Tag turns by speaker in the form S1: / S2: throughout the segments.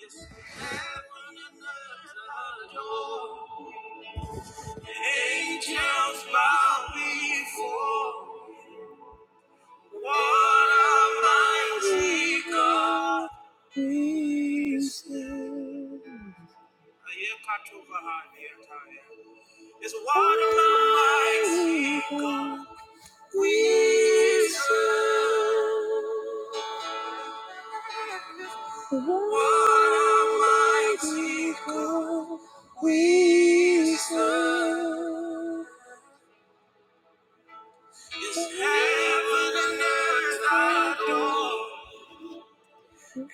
S1: Yes, Angels bow before. What a mighty God we serve. It's what a mighty God we serve. What a mighty God we serve. It's heaven and earth adore.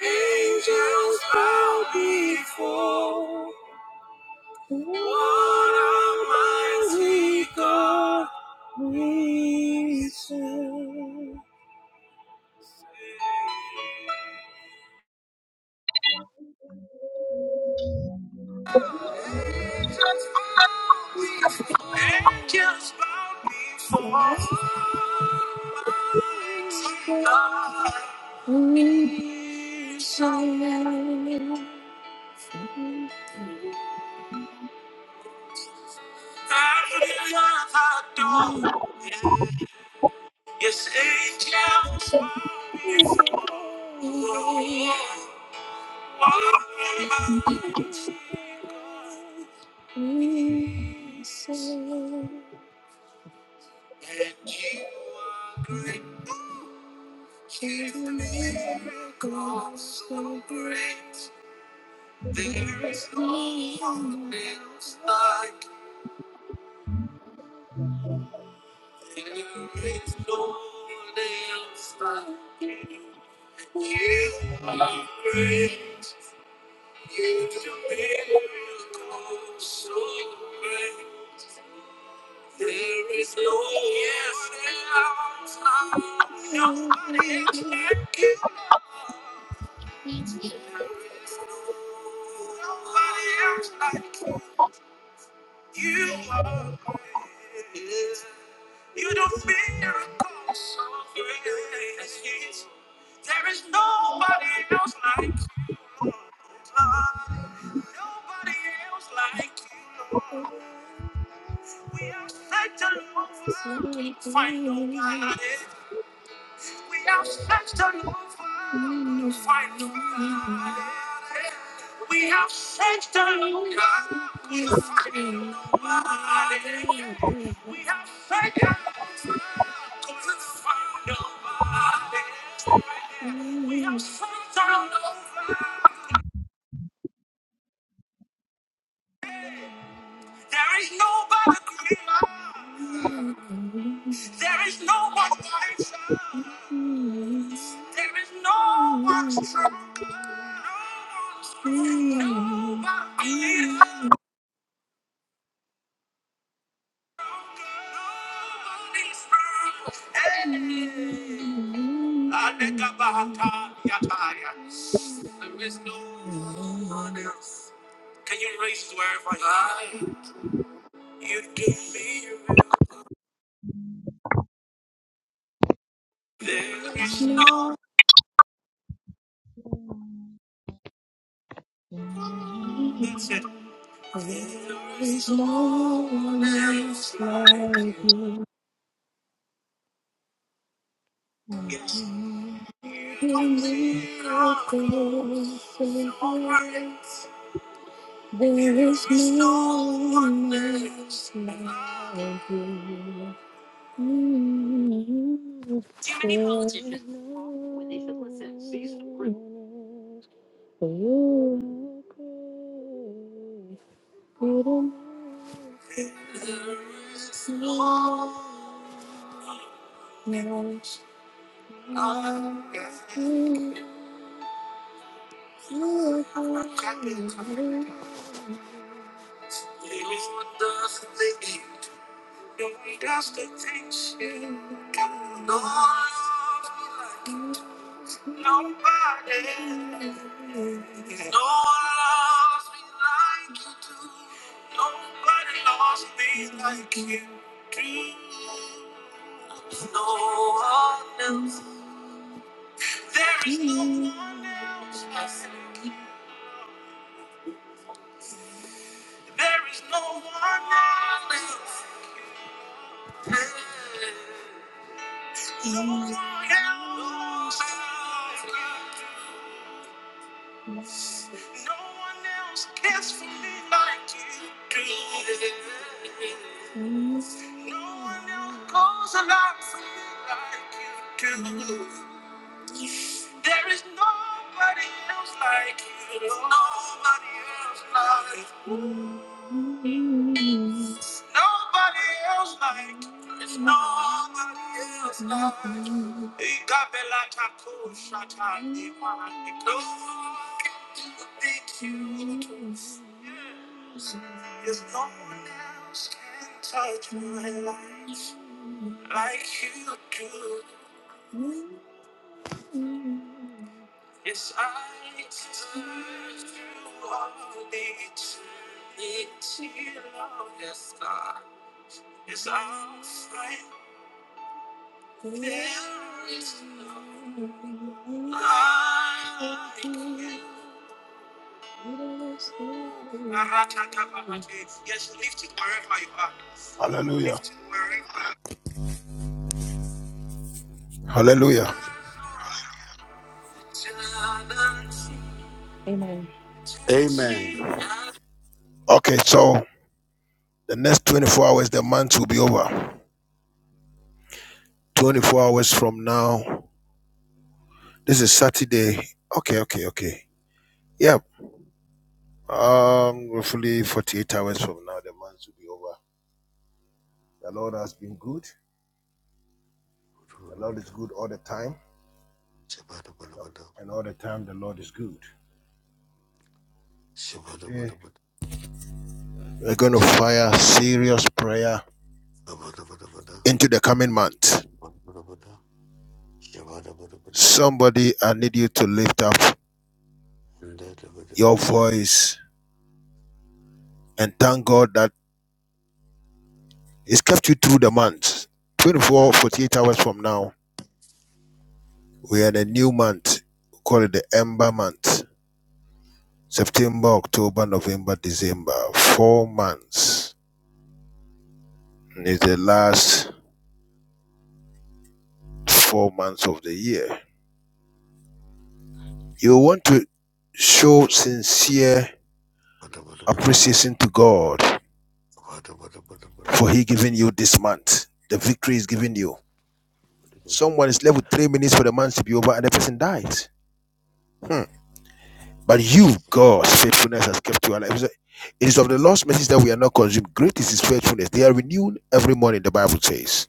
S1: Angels bow before. What a mighty God we serve. Angels bow before. What bow Mighty God we serve. Yes, angels bow before you. Listen. And you are great. Keep miracles so great. There is no one else like. There is no one else like. You are great. You do miracles so great. There is no one else. Nobody else like you. Nobody else like you. You are great. You do miracles so great. There is nobody else like you, Lord. Nobody else like you, Lord. We have searched all over, couldn't find nobody. We have searched the Lord to find the one. We have searched the Lord to find the one. We have searched the Lord to find the one. We have searched the Lord There is nobody greater. There is no one wiser. There is no one stronger. Nobody stronger. Nobody stronger. Hey. Adekabahata yataya. There is no one else. Can you raise wherever you are? You do me real. There is no There is no one else like you. In miracles and grace, there is no one else like you. Mm, there is no one else. For You are great. But I'm not the only one. I'm not the only one. I'm not the only one. Nobody, no one loves me like you do. Nobody loves me like you do. No one else. There is no one else. I say. There is no one else. No one else. like you do. No one else cares for me like you do. No one else goes a lot for me like you do. There is nobody else like you. There's nobody else like you. Nobody else like you. There's nobody else like you. Igabela tako shata ni wanani. No one can do it you. Yes, no one else can touch my life like you do. Yes, I turn to all eternity, Lord. Yes, I, yes, I'll fight. There is no like you. Aratakabamate. Yes, lift it wherever you are.
S2: Hallelujah.
S1: Lift it wherever.
S2: Hallelujah.
S1: Amen.
S3: Amen.
S2: Okay, so the next 24 hours, the month will be over. 24 hours from now. This is Saturday. Okay, okay, okay. Yep. Um, roughly 48 hours from now, the month will be over. The Lord has been good. The Lord is good all the time. And all the time, the Lord is good. Today, we're going to fire serious prayer into the coming month. Somebody, I need you to lift up your voice and thank God that. It's kept you through the month. 24, 48 hours from now, we are in a new month. We call it the Ember month. September, October, November, December. Four months. And It's the last four months of the year. You want to show sincere appreciation to God for He giving you this month. The victory is given you. Someone is left with three minutes for the month to be over and the person dies. Hmm. But you, God's faithfulness has kept you alive. It is it is of the Lord's message that we are not consumed. Great is his faithfulness. They are renewed every morning, the Bible says.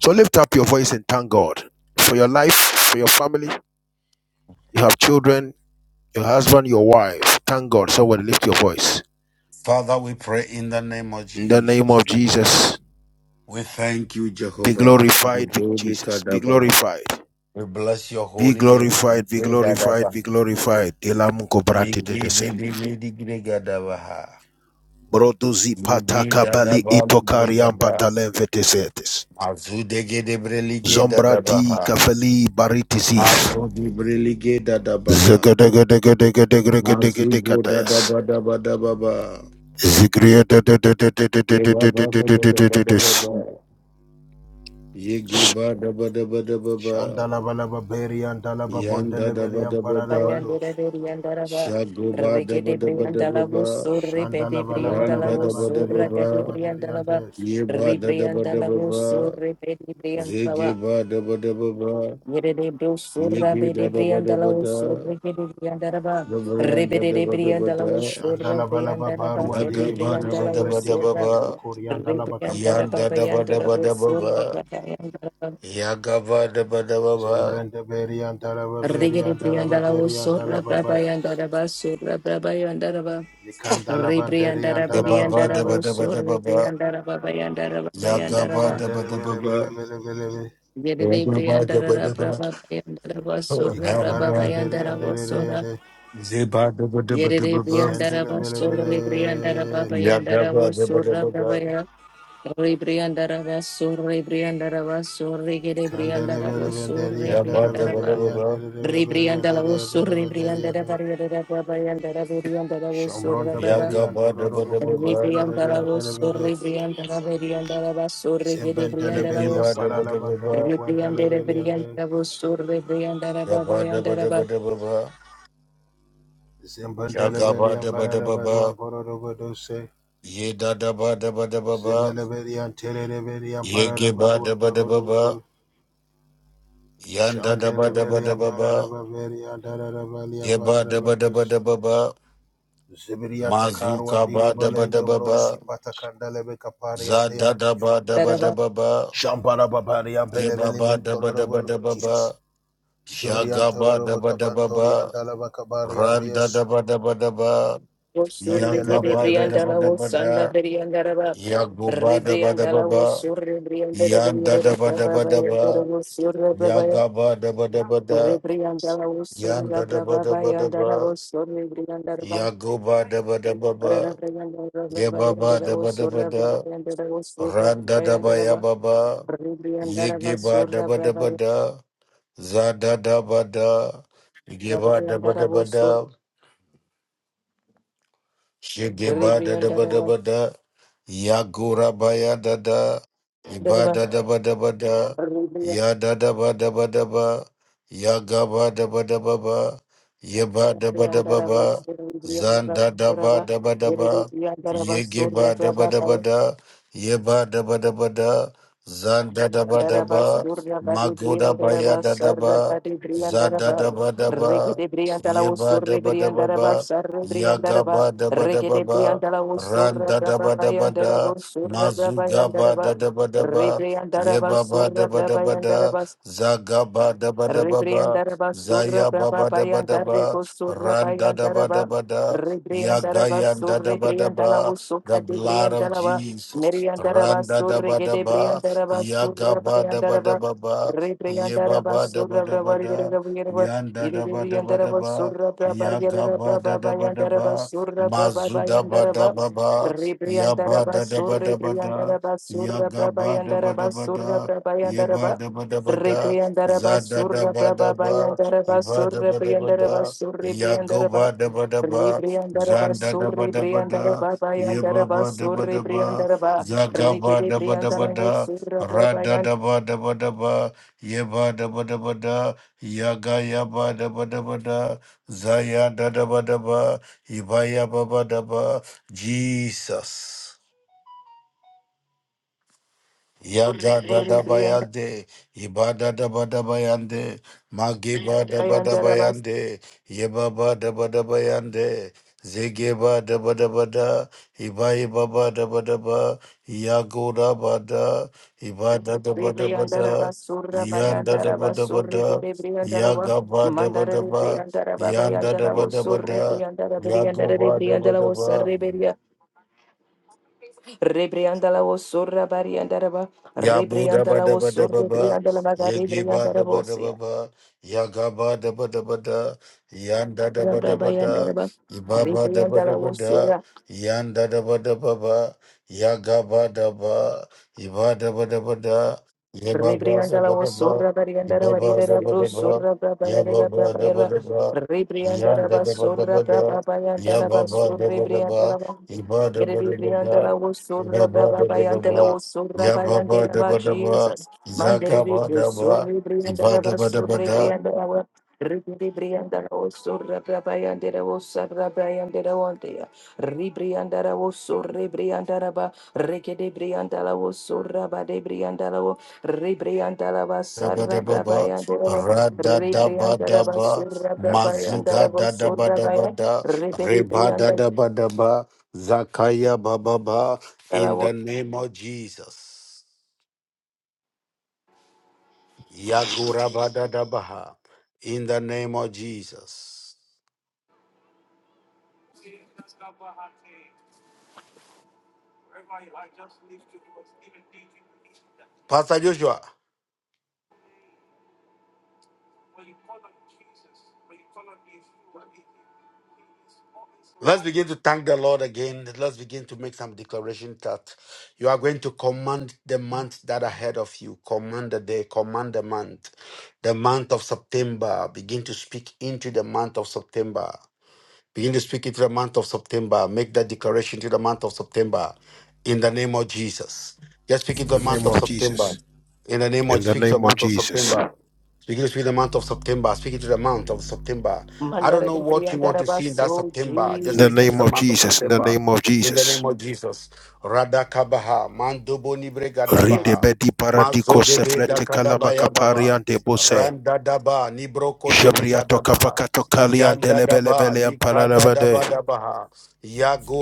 S2: So lift up your voice and thank God for your life, for your family. You have children, your husband, your wife. Thank God. Somebody lift your voice.
S3: Father, we pray in the name of
S2: In the name of
S3: Jesus.
S2: Jesus,
S3: We thank you,
S2: be
S3: Jehovah.
S2: glorified, be-
S3: Magobi
S2: Jesus. Be
S3: Kadabaha.
S2: glorified.
S3: We bless your
S2: Be
S3: holy name. We
S2: glorified, be
S3: pray that,
S2: glorified,
S3: Abba.
S2: be glorified. Elamuko bratete
S3: Yigi
S2: tese.
S3: didi midi gidi gadabaha.
S2: Broduzi pataka
S3: Ligida da da
S2: bali
S3: ba, brega da.
S2: itokariam
S3: da.
S2: batalem vetesetes.
S3: Mazu dege de brelige da da ba ha. Mazu de brelige da da ba ha. Mazu go da da ba da ba da ba ba. Ye ba ba da ba da ba da ba ba. Ye ge ba da ba da ba da ba ba. Yan da da ba da ba ba. Sha go ba da
S1: reke
S3: ba
S1: de
S3: da ba da ba
S1: Briandala was so
S3: ba.
S1: ripe de
S3: Ran
S1: Briandala
S3: da da
S1: was
S3: ba da
S1: so
S3: ba
S1: raka de
S3: ba.
S1: Briandala
S3: Ye ba da da ba da
S1: Ribriandala
S3: ba
S1: was so
S3: ba.
S1: ripe de
S3: Ze ge
S1: Briandala
S3: ba da ba da ba ba.
S1: Yere de
S3: Ye
S1: Brosura
S3: ge
S1: be
S3: da
S1: de
S3: da ba da
S1: Briandala
S3: ba
S1: was so
S3: da.
S1: rike de Briandala
S3: Yabranda
S1: Ribede
S3: da
S1: de
S3: ba da ba
S1: Briandala was
S3: da
S1: so Briandala de
S3: yaga ba da ba
S1: Briandala
S3: da
S1: was
S3: ba da
S1: so
S3: ba ba,
S1: Ribriandala
S3: yanda
S1: Baba
S3: da ba da
S1: Yandala
S3: ba da
S1: was
S3: ba
S1: so
S3: ba,
S1: raka
S3: yaga ba da ba da ba ba,
S1: Rigiri Briandala was Sura Brabayandaraba Sura Brabayandaraba
S2: Ikandala banderi
S1: Ribriandara
S2: andala
S3: yaba ba
S1: Briandara
S3: da
S2: babalaba.
S3: ba
S1: was
S3: da ba da
S1: Sura
S3: ba ba,
S1: Briandara Babayandara
S3: yaga ba
S1: Babayandaraba
S3: da ba
S2: Mukondele
S3: da ba
S2: bele
S3: ba,
S2: bele bele bele be.
S1: Yeri
S3: yaba ba da ba
S1: Briandara
S3: da ba,
S1: Brabayandaraba
S3: oh
S1: Sura
S3: man,
S2: Ikambara
S3: man,
S2: banderi
S1: Brabayandara was
S2: andere
S1: Sura
S2: ende.
S3: zeba da ba da ba da
S1: Yeri
S3: ba ba,
S2: Sendele
S1: Briandara
S2: bele
S1: Sura
S2: bele.
S1: Briandara
S3: yaga
S1: Babayandara
S3: ba
S1: was
S3: da ba da
S1: Sura
S3: ba ba,
S1: Brabayandara Re Briandara was Sura Briandara was Sura Giri
S2: Kandele
S1: Briandara
S2: bele banderi
S1: Sura
S3: yaba
S2: andala
S3: da ba da
S1: Briandara
S2: banderi
S3: ba ba,
S2: andere bele
S1: Ribrianda la
S2: banderi
S1: vosso,
S2: andere banderi
S1: ribrianda da
S2: andere.
S1: barriera da barrianda da barrianda da vosso,
S2: Shombronda
S1: rabara.
S2: beri
S3: yaga ba da ba
S2: andorobo
S3: da ba ba,
S2: mukondele
S1: Ribrianda
S2: beri
S1: la
S2: andere
S1: vosso,
S2: beri.
S1: ribrianda la barrianda la vosso,
S2: Zembendele
S1: ribrianda la
S3: yegi
S2: beli
S3: ba
S1: vosso.
S3: da
S2: ampala
S3: ba da ba ba,
S2: bandor kuandele
S1: Ribrianda la
S2: beri
S1: barrianda
S2: andere.
S1: la vosso, ribrianda la
S3: yaba da
S1: barrianda
S3: ba
S1: la
S3: da ba
S1: barrianda
S3: da Yagaba
S2: Zembendele beli
S3: Shagaba daba
S2: ampara
S3: daba ba,
S2: baru amporo robo dose.
S3: ye da daba daba daba ba,
S2: Zebelebelian Terebelian
S3: ye geba
S2: Paradabaruan
S3: daba daba ba,
S2: Torobado
S3: yanda daba daba
S2: Shandelebelian
S3: daba ba,
S2: Paradabelian Darabelian
S3: ye ba daba daba
S2: Paradabades
S3: daba ba,
S2: Zeberia Tokaruan
S3: mazuka ba daba
S2: Diribalen
S3: daba ba,
S2: Dobrosi Patacandelebe
S3: za
S2: Caparian
S3: da
S2: Dea
S3: daba daba daba ba,
S2: Shambarababarian
S3: ye ba ba
S2: Belebelimin
S3: daba daba
S2: Torobado
S3: daba ba,
S2: Jesus Jebrian
S3: shagaba
S2: Toroba
S3: daba daba ba,
S2: Cabantorian Dalaba
S3: ran da
S2: Deus
S3: daba daba daba,
S2: and
S3: ya
S1: Osurigere
S3: gaba da
S2: Delebeleben
S3: daba
S1: Briandala was
S3: daba da,
S1: Sanda Beriandaraba.
S3: ya goba daba daba
S1: Ribriandala
S3: ba,
S1: was Surribriandere
S3: yanda daba daba
S1: Brababa
S3: daba.
S1: Yandara was Surra Brabaya.
S3: Yagaba daba daba da,
S1: Ribriandala was Surra
S3: yanda daba
S1: Brababa
S3: daba
S1: Yandara
S3: daba,
S1: was Surribriandaraba.
S3: yagoba daba daba ba, yebaba
S1: Ribriandara was
S3: daba daba
S1: Surra
S3: da,
S1: Brabayandara was Surra
S3: randa daba
S1: Brabayandaraba.
S3: yababa,
S1: Ribriandaraba
S3: yegeba
S1: Surra
S3: daba daba da, zada daba da, yegeba daba
S1: Brabayandara
S3: daba
S1: was
S3: da,
S1: Surra
S3: shegeba daba daba
S1: Ribriandaraba.
S3: da, Yagura baya dada, ibada daba daba da, ya dada ba daba daba, yagaba daba daba ba, yeba daba daba ba,
S1: Rebriandaraba
S3: zanda daba daba daba, yegeba daba daba da, yeba daba daba da, zanda daba daba, magoda baya dada ba, zada daba daba, yeba daba daba ba, yagaba daba daba ba. Randa da ba da ba da,
S1: surra
S3: mazuga ba da
S1: brabayandaraba
S3: da ba da ba, yeba ba da ba da ba da, zaga ba da ba da ba ba,
S1: Rebriandaraba surra
S3: zaya ba
S1: braba
S3: ba da ba da
S1: bayandare
S3: ba,
S1: go surra
S3: randa da ba da
S1: bayandaraba.
S3: ba da, yaga
S1: Rebriandaraba
S3: yanda da
S1: surri
S3: ba da ba,
S1: briandalawo
S3: the
S1: suka de
S3: blood of
S1: briandalawa.
S3: Jesus,
S1: Meriandaraba
S3: randa da
S1: surri
S3: ba da
S1: gede
S3: ba,
S1: briandaraba
S3: yaga
S1: surra
S3: ba da ba da
S1: bayandaraba.
S3: ba ba, yeba
S1: Rebriandaraba
S3: ba da ba
S1: surra
S3: da ba
S1: braba
S3: da,
S1: yereba.
S3: yanda da ba da ba da
S1: Yerebriandaraba
S3: ba,
S1: surra braba
S3: yaga
S1: yereba
S3: ba da
S1: braba
S3: da ba da
S1: bayandaraba
S3: ba.
S1: surra braba
S3: Mazuda bada
S1: bayandaraba.
S3: baba, yaba
S1: Rebriandaraba
S3: da da
S1: surri
S3: bada bada,
S1: briandaraba surra
S3: yaga
S1: braba
S3: bada bada
S1: yandaraba surra
S3: bada,
S1: braba
S3: yeba
S1: yandaraba.
S3: da bada bada,
S1: Rebriandaraba
S3: zada da
S1: surra
S3: bada
S1: braba
S3: ba,
S1: bayandaraba
S3: iba da
S1: surra
S3: bada
S1: briandaraba
S3: bada,
S1: surri
S3: yago
S1: briandaraba
S3: bada bada ba,
S1: Rebriandaraba
S3: zanda da
S1: surri
S3: bada bada,
S1: briandaraba
S3: yeba
S1: bayandaraba
S3: bada
S1: surri
S3: bada ba,
S1: briandaraba
S3: zaga
S1: Rikidi
S3: bada bada
S1: briandaraba
S3: bada,
S1: surra braba
S3: rada
S1: yand
S3: da bada bada ba, yeba da bada bada, yaga yaba da bada bada, zaya da da bada ba. Ibaya baba daba Jesus. Yada da da
S1: surri
S3: bayande, ibada da ba da bayande, magiba da ba da
S1: briandaraba
S3: bayande, yebaba da ba da bayande, zegeba da ba da ba da, ibai baba da ba da ba, yago da ba da, ibada da ba
S1: surri
S3: da ba da,
S1: briandaraba surra
S3: yanda da ba
S1: bayandaraba
S3: da ba
S1: surri
S3: da,
S1: gidi briandaraba
S3: yaga ba da ba
S1: Mandara
S3: da ba,
S1: briandaraba
S3: yanda da ba
S1: bayandaraba
S3: da ba
S1: surri
S3: da,
S1: briandaraba
S3: yago
S1: briandaraba
S3: ba da ba da
S1: briandaraba surri
S3: ba.
S1: Rebriandala was Sura Bariandaraba,
S3: Yabu daba
S1: Rebriandala was
S3: daba
S1: Sura
S3: daba ba,
S1: Briandala Magari
S3: Yagiba daba daba
S1: Briandarabosia,
S3: ba, Yagaba daba daba da, Yanda daba daba da,
S1: Rababayandaraba,
S3: Ibaba daba
S1: Rebriandala
S3: daba
S1: was
S3: da,
S1: Sura.
S3: Yanda daba daba ba, Yagaba daba, Iba daba daba da, Yababa
S1: Ribriandala
S3: daba
S1: was
S3: daba,
S1: Sura Bariandara
S3: Ibaba
S1: Varira
S3: daba
S1: Bruce
S3: daba,
S1: Sura Braba Varira
S3: Yababa daba
S1: Braba
S3: daba,
S1: Ribriandala
S3: Yanda
S1: was
S3: daba
S1: Sura
S3: daba da,
S1: Braba Bayandala was
S3: Yababa daba daba,
S1: Suribriandala
S3: Iba daba daba da,
S1: Ribriandala was Sura
S3: Ibaba
S1: Braba
S3: daba
S1: Bayandala
S3: daba.
S1: was Sura
S3: Yababa
S1: Bayandera ba
S3: daba daba,
S1: Jesus Mandiri
S3: Zagaba daba,
S1: Suri
S3: Ibada
S1: Briandara was
S3: daba daba
S1: Suri Briandala Ribriandala was Sura Braba Yandera was Sura Briandala Ribriandara wo so rebriandara ba rekede briandala wo so raba de briandala wo rebriandala ba
S3: daba
S1: sarra
S3: daba
S1: braba
S3: ba,
S1: yandara wo
S3: Rada daba
S1: rebriandara ba
S3: daba,
S1: sarra braba
S3: Mazuga Dada
S1: so
S3: daba
S1: raba
S3: daba
S1: ya reberi
S3: Reba
S1: briandala
S3: Dada daba daba, Zakaya baba ba, in the name of Jesus. Yagura ba daba ha, in the name of Jesus. Pastor Joshua. Let's begin to thank the Lord again. Let's begin to make some declaration that you are going to command the month that ahead of you. Command the day, command the month. The month of September. Begin to speak into the month of September. Begin to speak into the month of September. Make that declaration to the month of September in the name of Jesus. Just speak
S2: in
S3: into
S2: the
S3: the month
S2: name
S3: of
S2: of
S3: September.
S2: Jesus
S3: In the name of
S2: in the
S3: speak to the
S2: name of
S3: month of
S2: Jesus
S3: September. Speaking to the month of September, speaking to the month of September. I don't
S1: mandara
S3: know
S1: de
S3: what you want
S1: briandara
S3: to
S1: ba
S3: see in that
S1: so
S3: September.
S2: in
S3: Just
S2: the
S3: speaking to
S2: name
S3: the
S1: Jesus
S2: of
S3: month of
S2: Jesus in the
S3: September.
S2: name of
S3: In the
S2: Jesus
S3: name of Jesus. Radakabaha. Mandobo
S1: Yes.
S3: nibregadabaha.
S2: Ridebedi paradiko
S3: Mazodebe
S2: sefrete kalabaka
S3: dakadabaya baba.
S2: pariante bose.
S3: Randadaba nibrokodoni
S2: Jabriato
S3: kadabaha.
S2: kapakato kaliante
S3: Yandadaba
S2: levelevele and paralabade.
S3: likadadabadabaha.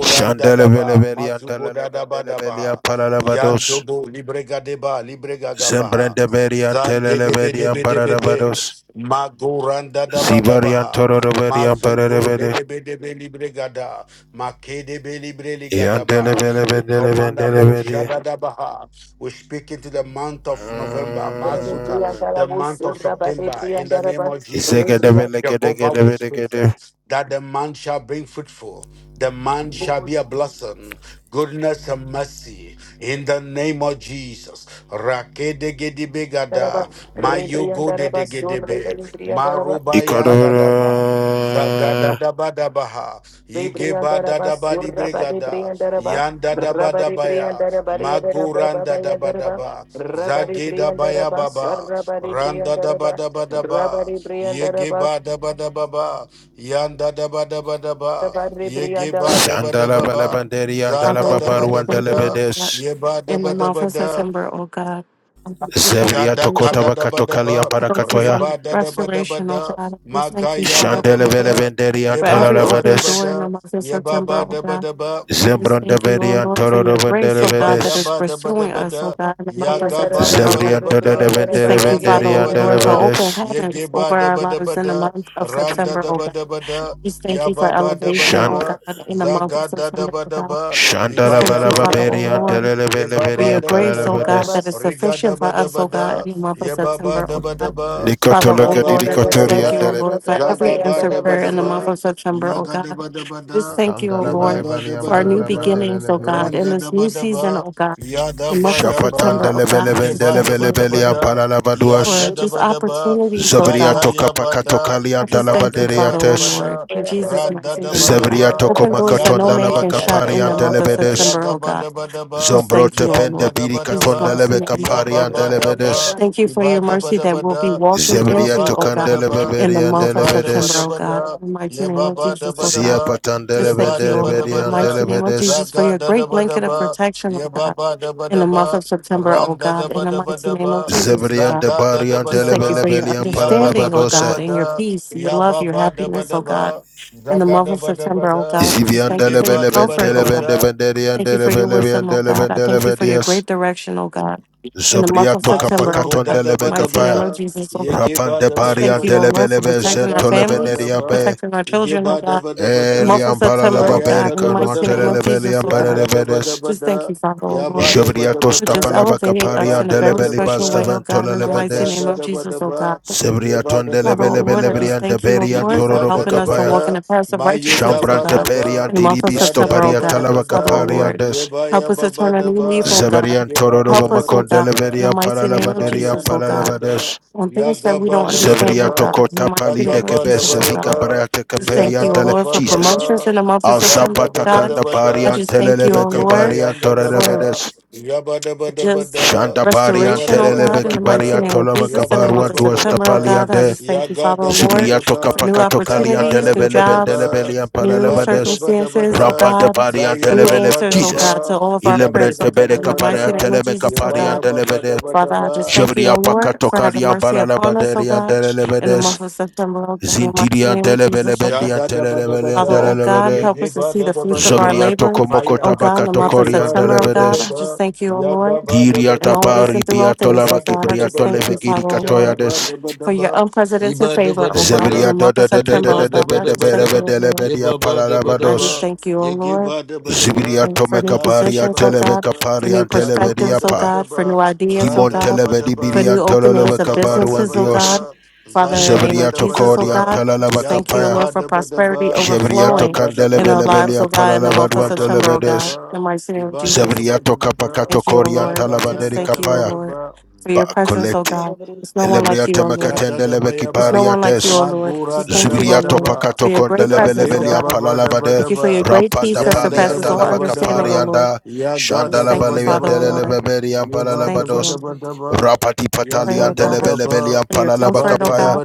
S2: Shandelevele and telelevele and
S3: mazugodadabadabaha.
S2: paralabados.
S3: Yandobo libregadeba libregagabaha.
S2: Zembrendeberi and telelevele and
S3: Zandebedebedebede,
S2: paralabados.
S3: Magoranda
S2: Zivari and
S3: Dabadabaha,
S2: tororevele and
S3: Mazugo
S2: paralabade.
S3: Debedebe Libregada, Makedebe Libreligadaba,
S1: Rabari
S3: we command Abu
S2: Yandelevele
S3: Shadadabaha, we speak into the month of November, Mazuka,
S2: Mm.
S3: the month of September, in the name of Jesus.
S2: Zegedevele
S3: Jehovah will
S2: gedegedevele
S3: speak
S2: gede.
S3: that, that the man shall be fruitful, the man shall be a blessing, goodness and mercy, in the name of Jesus. Rakede gedibegada. Mayogo de de gedebe. Marubayanda daba. Zagada
S2: Ikadovele.
S3: daba daba ha. Igeba daba di bregada. Yanda daba daba ya. Maguranda daba daba. Zageda baya baba. Randa daba daba daba. Yegeba daba daba ba. Yanda daba daba daba. Yegeba daba
S2: Shandala
S3: daba ba.
S2: balabanderi andala
S4: Father,
S3: Zanda
S4: oh
S3: daba
S2: babaru
S4: God, I
S3: daba
S4: thank
S2: andele
S4: you
S3: da.
S4: that
S2: bedes.
S3: Yeba
S4: in the
S3: daba
S4: month
S3: daba
S4: of
S3: da.
S4: September, oh God, I thank you for
S2: Zebria
S3: Shada
S4: elevation.
S2: tokota
S3: kada da ba da
S2: bakatokali
S3: ba,
S4: I thank you
S2: ambarakatoya.
S4: for
S3: riba da da ba da ba
S4: restoration, oh
S3: da,
S4: God. I just thank you,
S3: magaya
S4: Father,
S3: da da
S2: Shandele
S4: oh
S3: ba
S2: bele
S4: Lord,
S3: da,
S2: benderi
S4: for
S3: yeba
S2: antara
S4: every
S3: da ba da
S4: open
S3: ba
S2: labades.
S4: door in
S3: da,
S4: the month of
S3: yeba
S4: September,
S3: ba da
S4: oh
S3: ba
S4: God.
S3: da ba.
S4: I just
S2: Zembron de
S4: thank you,
S2: beri
S4: oh Lord, for
S2: antoro
S4: your grace,
S2: vendere
S4: oh
S3: Yeba
S4: God, that is
S2: bedes.
S3: yaba daba
S4: pursuing
S3: daba
S4: us, oh
S3: da,
S4: God, in the month of
S3: yagaba
S4: September, oh
S3: daba
S4: God.
S2: Zebria
S3: daba
S2: antara de
S3: da,
S4: Just
S2: vendere
S4: thank you,
S3: randa
S4: Father,
S2: venderi
S3: daba
S4: oh
S2: andele
S4: Lord, for
S3: daba,
S4: open
S2: bedes.
S4: heavens over
S3: yegeba
S4: our
S3: daba daba
S4: lives in the
S3: da,
S4: month of
S3: randa
S4: September, oh
S3: daba
S4: God.
S3: daba da,
S4: Just thank you for
S3: yababa daba
S4: elevation, oh
S2: Shand.
S3: daba,
S4: God, in the month of
S3: zaga da
S4: September,
S3: daba
S4: oh God.
S3: daba,
S4: Just
S2: Shandala
S4: thank
S3: ibaya
S4: you,
S2: balaba
S3: baba
S4: Father,
S2: beri
S4: oh
S3: daba,
S4: Lord
S2: antele bele
S4: for
S2: beri
S3: yebaba
S4: your
S3: daba
S2: ampara
S4: grace, O
S3: daba,
S4: God,
S2: labades.
S4: that is
S3: riga
S4: sufficient for
S3: daba
S4: us,
S3: daba
S4: O God,
S3: da,
S4: in the month of
S3: yebaba
S4: September, O
S3: daba
S4: God.
S3: daba,
S4: Father, O
S2: Nikotologa di
S3: ibaba
S4: Lord, I
S3: daba
S4: just
S2: kotori
S4: thank you, O
S3: daba,
S2: andele
S4: Lord,
S2: bele
S4: for
S2: bendele
S4: every
S3: zagaba
S4: answered
S2: bedes.
S3: daba
S4: prayer in the month
S3: daba,
S4: of September, O
S3: yaga
S4: God.
S3: daba daba
S4: Just
S3: da,
S4: thank you, O
S2: Kandala bale
S4: Lord,
S3: yebaba
S2: bali
S3: daba
S4: for our
S2: ambara
S4: new
S3: daba da.
S2: labandele
S4: beginnings, O God,
S2: bedes.
S4: in
S3: Randa da
S4: this
S3: ba
S4: new
S3: da
S4: season,
S3: ba,
S4: O God,
S3: ya da
S4: in the
S3: ba
S4: month of
S3: da
S2: Shapatan
S3: ba,
S4: September, O God. I
S3: ige
S2: deleveleven
S4: just
S3: ba da
S4: thank
S3: ba
S4: you, O
S3: da ba
S2: delevelevelian
S4: Lord,
S3: da, yanda
S4: for
S2: palalabaduas.
S3: da
S4: just
S3: ba da ba,
S4: opportunities, O
S2: Zabria
S3: zaga
S4: God.
S2: toka
S3: ya ba da,
S2: pakatokalian
S4: I just
S3: iba
S4: thank
S3: da
S4: you,
S3: da ba
S4: Father,
S3: da
S4: O
S3: ba
S2: talabaderiates.
S4: Lord,
S3: da,
S4: in Jesus'
S3: randa
S4: mighty
S3: da
S4: name,
S3: ba
S4: O
S3: da
S4: God.
S2: Zebria
S3: ba,
S2: toko
S4: Open doors
S3: ya
S4: that
S2: makaton
S4: no
S3: ga
S4: man
S3: ba
S4: can
S3: da ba
S4: shut
S3: da
S4: in the
S2: dalabakaparian
S3: ba,
S4: month of
S3: ya
S2: delevedes.
S4: September,
S3: ga
S4: O
S3: ba
S4: God.
S3: da ba da ba,
S4: Just thank
S2: Zombrote
S4: you, O
S2: pente
S3: yanda
S4: Lord.
S3: da ba
S4: In
S3: da
S4: Jesus'
S2: birikaton
S3: ba,
S4: mighty name, I
S3: ya
S4: pray,
S3: ba
S4: O
S2: delevekaparian
S3: ba
S4: God.
S3: da
S2: delevedes.
S3: ba,
S4: Thank you for
S3: iba
S4: your
S3: da ba
S4: mercy
S3: da
S4: that
S3: ba
S4: we'll be
S3: da,
S4: walking
S3: ye ba
S2: Zebria
S3: ba
S4: into, O
S3: da
S2: tokan
S3: ba
S4: God,
S3: da ba,
S4: in the
S2: deleveverian
S3: ye
S4: month of
S3: ba da ba
S4: September,
S3: da
S2: delevedes.
S4: O
S3: ba
S4: God.
S3: da,
S4: In the mighty
S3: ye
S4: name
S3: ba
S4: of
S3: ba da
S4: Jesus,
S3: ba
S4: O
S3: da
S4: God.
S2: Zia
S3: ba,
S2: patan
S3: ye
S4: Just
S2: deleven
S3: ba
S4: thank you,
S3: da
S4: O
S3: ba da
S4: Lord, in
S3: ba
S4: the
S2: deleverian
S3: da.
S4: mighty name of
S2: delevedes.
S4: Jesus, for
S3: Zaga
S4: your
S3: da da
S4: great
S3: ba da
S4: blanket of
S3: ba,
S4: protection,
S3: ye
S4: O
S3: ba
S4: God,
S3: ba da ba
S4: in
S3: da
S4: the month
S3: ba,
S4: of September, O
S3: ran da da
S4: God, in
S3: ba
S4: the
S3: da ba
S4: mighty
S3: da
S4: name of
S3: ba,
S4: Jesus, O
S2: Zebrian
S4: God.
S3: zaga da da
S2: debarian
S3: ba
S4: Just
S3: da
S4: thank you
S3: ba,
S4: for your
S2: delevelevelian
S3: ya ba da
S4: understanding, O
S3: ba da
S2: palalabadose.
S4: God,
S3: ba
S4: and your
S3: da,
S4: peace, your
S3: ya
S4: love,
S3: ba
S4: your
S3: ba da ba
S4: happiness,
S3: da
S4: O God,
S3: ba,
S4: in the
S3: zaga
S4: month
S3: da
S4: of
S3: ba da ba
S4: September, O
S3: da,
S4: God. Just
S2: Zibian
S3: ye
S4: thank you
S3: ge
S4: for your
S3: ba da
S2: delebeleben
S3: ba
S4: comfort,
S3: da
S4: O
S3: ba
S4: God.
S2: teleben
S3: da.
S2: debenderian
S4: Thank you for your
S2: delebelebian
S4: wisdom, oh God. I thank you for your
S2: delebelebedias.
S4: great direction, oh God. In the month of
S2: Zobriato
S4: September, oh
S3: Mazogo
S2: capakaton
S3: da
S4: God.
S3: da
S2: delebe
S3: ba da
S4: Mighty
S3: ba
S4: name
S2: capaya.
S4: of
S3: da,
S4: Jesus, oh God.
S3: yege
S2: Rapan
S3: ba
S2: de
S3: da ba
S4: Just
S3: da
S2: barian
S4: thank
S3: ba
S4: you, oh
S3: da,
S4: Lord, for
S2: delebelebe
S4: protecting
S3: yaga
S4: our
S3: ba ba
S4: families,
S3: da
S2: zentolebenerian
S3: ba,
S2: be.
S4: protecting our
S3: yege
S4: children, oh
S3: ba da
S4: God.
S3: ba da ba
S4: The
S3: da,
S4: month of
S2: Elian
S4: September,
S2: balalaba
S4: oh
S3: zayan da
S4: God. In the
S3: da ba
S2: bericanuan
S3: da
S4: mighty name of
S3: ba,
S4: Jesus,
S2: telebelian
S4: oh
S3: yan
S4: God.
S3: da da ba da
S2: berevedes.
S3: ba
S4: Just thank
S3: da,
S4: you, Father, oh
S3: ya ba
S4: Lord,
S3: da ba da
S2: Jobriato
S3: ba
S4: for just
S3: da,
S2: stapalava
S4: elevating
S3: ye
S4: us
S3: ba
S2: caparian
S4: in a
S3: da ba
S4: very
S3: da ba
S2: delebelibas
S4: special way,
S3: da,
S4: oh God. In the mighty
S3: zaga
S4: name
S2: deventolelebendes.
S3: da
S4: of
S3: da ba da
S4: Jesus, oh
S3: ba,
S4: God.
S3: ye ba
S2: Sebriaton
S3: da da
S4: Father,
S3: ba
S4: oh
S3: da ba
S4: Lord, I
S3: da,
S4: just
S2: delebelebelebrian de
S4: thank you, oh
S2: berian
S4: Lord,
S3: yege
S4: for
S3: ba
S2: tororoba
S3: da
S4: helping
S3: da
S4: us
S3: ba
S4: to
S2: capaya.
S4: walk in
S3: da,
S4: the paths of
S3: mayo
S4: righteousness, oh
S3: ba
S2: Shambrante
S3: da
S4: God,
S3: ba,
S2: perian
S4: in the month of
S3: za
S2: diribisto
S3: da
S4: September,
S3: da
S4: oh
S2: Baria
S3: ba
S4: God.
S3: da ba
S2: talava
S4: Father, oh
S3: da,
S2: caparian
S4: Lord,
S2: Des
S3: ye ba ya
S4: help us
S3: ba
S4: to
S3: ba
S4: turn a
S3: da
S4: new leaf,
S3: ba,
S4: oh God.
S2: Zebedian
S3: ye ba
S2: Tororo
S3: da
S4: Help
S3: da ba
S4: us,
S3: da
S4: oh
S3: ba
S4: God,
S3: da.
S4: in the
S2: Macondeleverian
S4: mighty name of
S3: Everybody
S2: Paralavaderian
S4: Jesus,
S3: under
S4: oh
S3: the
S4: God,
S3: bada,
S2: Paravades.
S4: on things that we don't
S3: Yagaba da bada
S4: understand,
S2: Zeveria
S4: oh
S3: ba,
S4: God, in the
S2: Tokota
S4: mighty
S2: Pali
S4: name
S2: de
S4: of
S3: Yagaba da
S2: Kebes,
S4: Jesus, oh
S3: bada
S2: Vika
S4: God.
S3: ba,
S2: Barate
S4: Just thank
S2: Caperian
S4: you, oh
S3: Yagaba
S4: Lord, for
S3: bada
S2: Jesus.
S4: promotions
S3: ba,
S4: in the month of September,
S3: Yanda
S4: oh
S3: da
S2: Alsapata
S3: bada
S4: God.
S2: Kanda
S4: I
S3: bada,
S2: Barian
S4: just thank you, oh
S2: Telelebeca
S3: Yagaba
S4: Lord,
S2: Barian
S3: yanda da
S4: for
S3: ba,
S2: Torrevedes.
S3: Yaba da bada
S4: just
S3: bada,
S2: Shanda Barian
S3: Yaba
S4: restoration,
S3: da
S4: oh
S3: bada
S4: God, in the
S2: Telelebeki
S4: mighty
S2: Barian
S3: bada,
S4: name of
S2: Tolavaca
S4: Jesus, in the
S3: Yaba da
S4: month
S2: Baruan
S4: of
S3: bada
S4: September, oh
S3: bada,
S4: God.
S2: Duastapalian
S4: I
S2: de
S4: just thank you,
S3: Yaga
S4: Father, oh
S3: da da
S4: Lord,
S2: Zubiria
S3: bada
S4: for
S3: ba,
S4: new
S2: Tokapakato Kalian
S3: Zaga da
S4: opportunities,
S3: da
S4: new
S3: bada
S2: Telebeleben
S4: jobs,
S3: ba,
S2: Delebelian
S4: new
S3: Yaba da da
S2: Palavades.
S3: bada
S4: circumstances, oh
S3: bada,
S2: Rampante
S4: God,
S2: Barian
S3: Zaya
S4: new
S3: ba
S2: Telebele,
S3: ba
S4: answers,
S3: da
S4: oh
S2: Jesus.
S4: God,
S3: ba,
S4: to all of our
S3: Yagu
S4: prayers,
S2: Ilembrente
S4: oh
S3: da ba
S4: God,
S2: Bede
S3: da
S4: in the
S3: ba
S2: Caparian
S4: mighty
S3: da.
S4: name of
S2: Telemeca
S4: Jesus, oh
S3: Yabaya
S2: Parian
S4: God.
S3: Baba
S2: Televede
S3: Daba
S4: Father, I just
S3: Daba.
S4: thank you,
S2: Jevria
S4: oh Lord, for having
S2: pakatokaria
S4: mercy upon us, oh
S2: balalabaderia
S4: God, in the
S2: telelebedes.
S4: month of September, oh God, in the mighty
S2: Zintiria
S4: name of Jesus, oh
S3: Sha
S2: telebelebendia
S4: God.
S3: da da ba da ba
S2: telelebelia
S4: Father,
S3: da,
S4: oh God,
S3: ye
S2: telelebede.
S4: help
S3: ge
S4: us to
S3: ba
S4: see
S3: da
S4: the
S3: da ba
S4: fruits of
S3: da
S4: our
S2: Zobria
S3: ba,
S4: labor,
S2: tokomoko
S4: oh
S3: fire,
S4: God, in the
S3: ye
S4: month of
S3: ge
S2: tabakatokoria
S3: ba da
S4: September, oh
S3: ba da
S4: God.
S3: ba
S4: I
S2: telebedes.
S4: just
S3: ba,
S4: thank you, oh
S3: ya
S4: Lord
S3: ga ba da
S2: Diria
S3: ba
S4: and
S3: da
S4: always
S3: ba,
S2: tapari
S4: and through all
S3: ye
S4: things, oh
S2: biatolava
S3: ba da
S4: God.
S3: ba
S4: I
S3: da
S4: just
S3: ba
S2: kibriato
S4: thank you,
S3: da,
S2: levegiri
S4: Father, oh
S3: sha ba
S4: Lord,
S3: ba
S2: katoyades.
S3: da ba da
S4: for your
S3: ba, i
S4: unprecedented
S3: ba da ba
S4: favor,
S3: da
S4: oh
S3: ba
S4: God, in
S3: da,
S2: Zebria
S4: the
S2: de
S4: month
S2: de
S4: of
S2: de
S3: i
S2: de
S3: ge
S4: September,
S3: ba
S4: oh
S2: de de de
S3: da
S4: God.
S3: ba
S4: I
S3: da
S4: just
S3: ba
S2: da
S4: thank
S2: da
S3: da,
S4: you, oh
S2: da da
S4: Lord.
S3: ye
S2: da
S3: ba ba da ba da
S4: I just
S3: ba,
S2: paralabados.
S4: thank you, oh
S3: ye ge
S4: Lord,
S3: ba da ba da ba,
S2: Zibiria
S4: and for new
S3: ya da da
S2: tomekabaria
S4: positions,
S3: ba
S4: oh
S3: da ba
S4: God,
S3: da,
S4: for
S2: telebecaparia
S4: new
S3: ya ba ba
S2: telebedia
S4: perspectives,
S3: da
S4: oh
S3: ba
S2: pa.
S3: da
S4: God, for
S3: ba,
S4: new ideas, oh
S3: ran
S2: Dimon
S3: da da
S4: God,
S3: ba da
S2: telebedi
S4: for
S3: ba,
S4: new
S2: birian
S3: ya
S4: openings
S2: tololove
S4: of
S3: ga ba da
S2: kabaruan
S4: businesses,
S3: ba
S4: oh
S3: da
S2: dios.
S4: God.
S3: ba,
S4: Father, in the
S3: zayan
S4: name
S3: da
S4: of
S3: da
S2: Zebriato
S3: ba da
S4: Jesus, oh
S3: ba.
S2: Cordian
S4: God, I just thank you, oh
S2: Talalabacapaya,
S3: Yagoba
S4: Lord, for
S3: daba
S4: prosperity
S3: daba,
S2: Zebriato
S4: overflowing
S3: Randa daba
S4: in our
S3: daba,
S4: lives,
S2: Candelebelebelian
S4: oh God, in the month of
S2: Palalabaduan
S3: Yagaba
S4: September,
S3: ba
S4: oh God.
S2: Televedes,
S4: In the
S3: daba,
S4: mighty name of
S3: Ibada
S4: Jesus.
S3: daba
S2: Zebriato
S3: daba da,
S2: Capacato
S4: Thank you, O
S2: Cordian
S4: Lord. Just
S3: Yagayan
S2: Talavanderi
S4: thank you,
S3: daba
S4: O
S2: Capaya,
S4: Lord,
S3: daba.
S4: for your presence, O
S2: Bacoleti,
S4: God. There's no one like you,
S2: Elebriate
S4: O Lord.
S2: Macatendelebeki
S4: There's no
S3: Shadadabayaba,
S4: one like you,
S2: Pariates,
S4: O Lord.
S3: Magura
S4: Just thank you, O
S2: Zubiria
S4: Lord,
S3: Dadabadaba,
S4: for
S2: topakato
S4: your great presence, O
S3: Zageda
S2: kondelebelebelia
S4: God.
S3: Baba
S2: palalabade
S4: Thank you for your
S3: Dabadaba,
S4: great peace
S2: rampanta
S4: that
S3: Yan
S2: pali
S4: surpasses all
S2: antalabaka
S4: understanding,
S2: pari
S4: O
S3: Dadabadabadaba,
S2: palianta
S4: Lord.
S2: labakaparianda
S3: Yaga
S4: Just thank you, Father, O
S3: Dadabadabada,
S4: Lord.
S2: shandalabaleantelelebeberian
S4: Just
S3: Yaba
S4: thank you, O
S2: palalabados
S4: Lord.
S3: Dabadabadaba,
S2: rapati patali
S4: Pray, O
S3: Yagaba
S4: God,
S3: Daba,
S2: pataliantelebelebelian
S4: for your
S3: Iba
S4: comfort, O
S2: palalabakapaya
S4: God.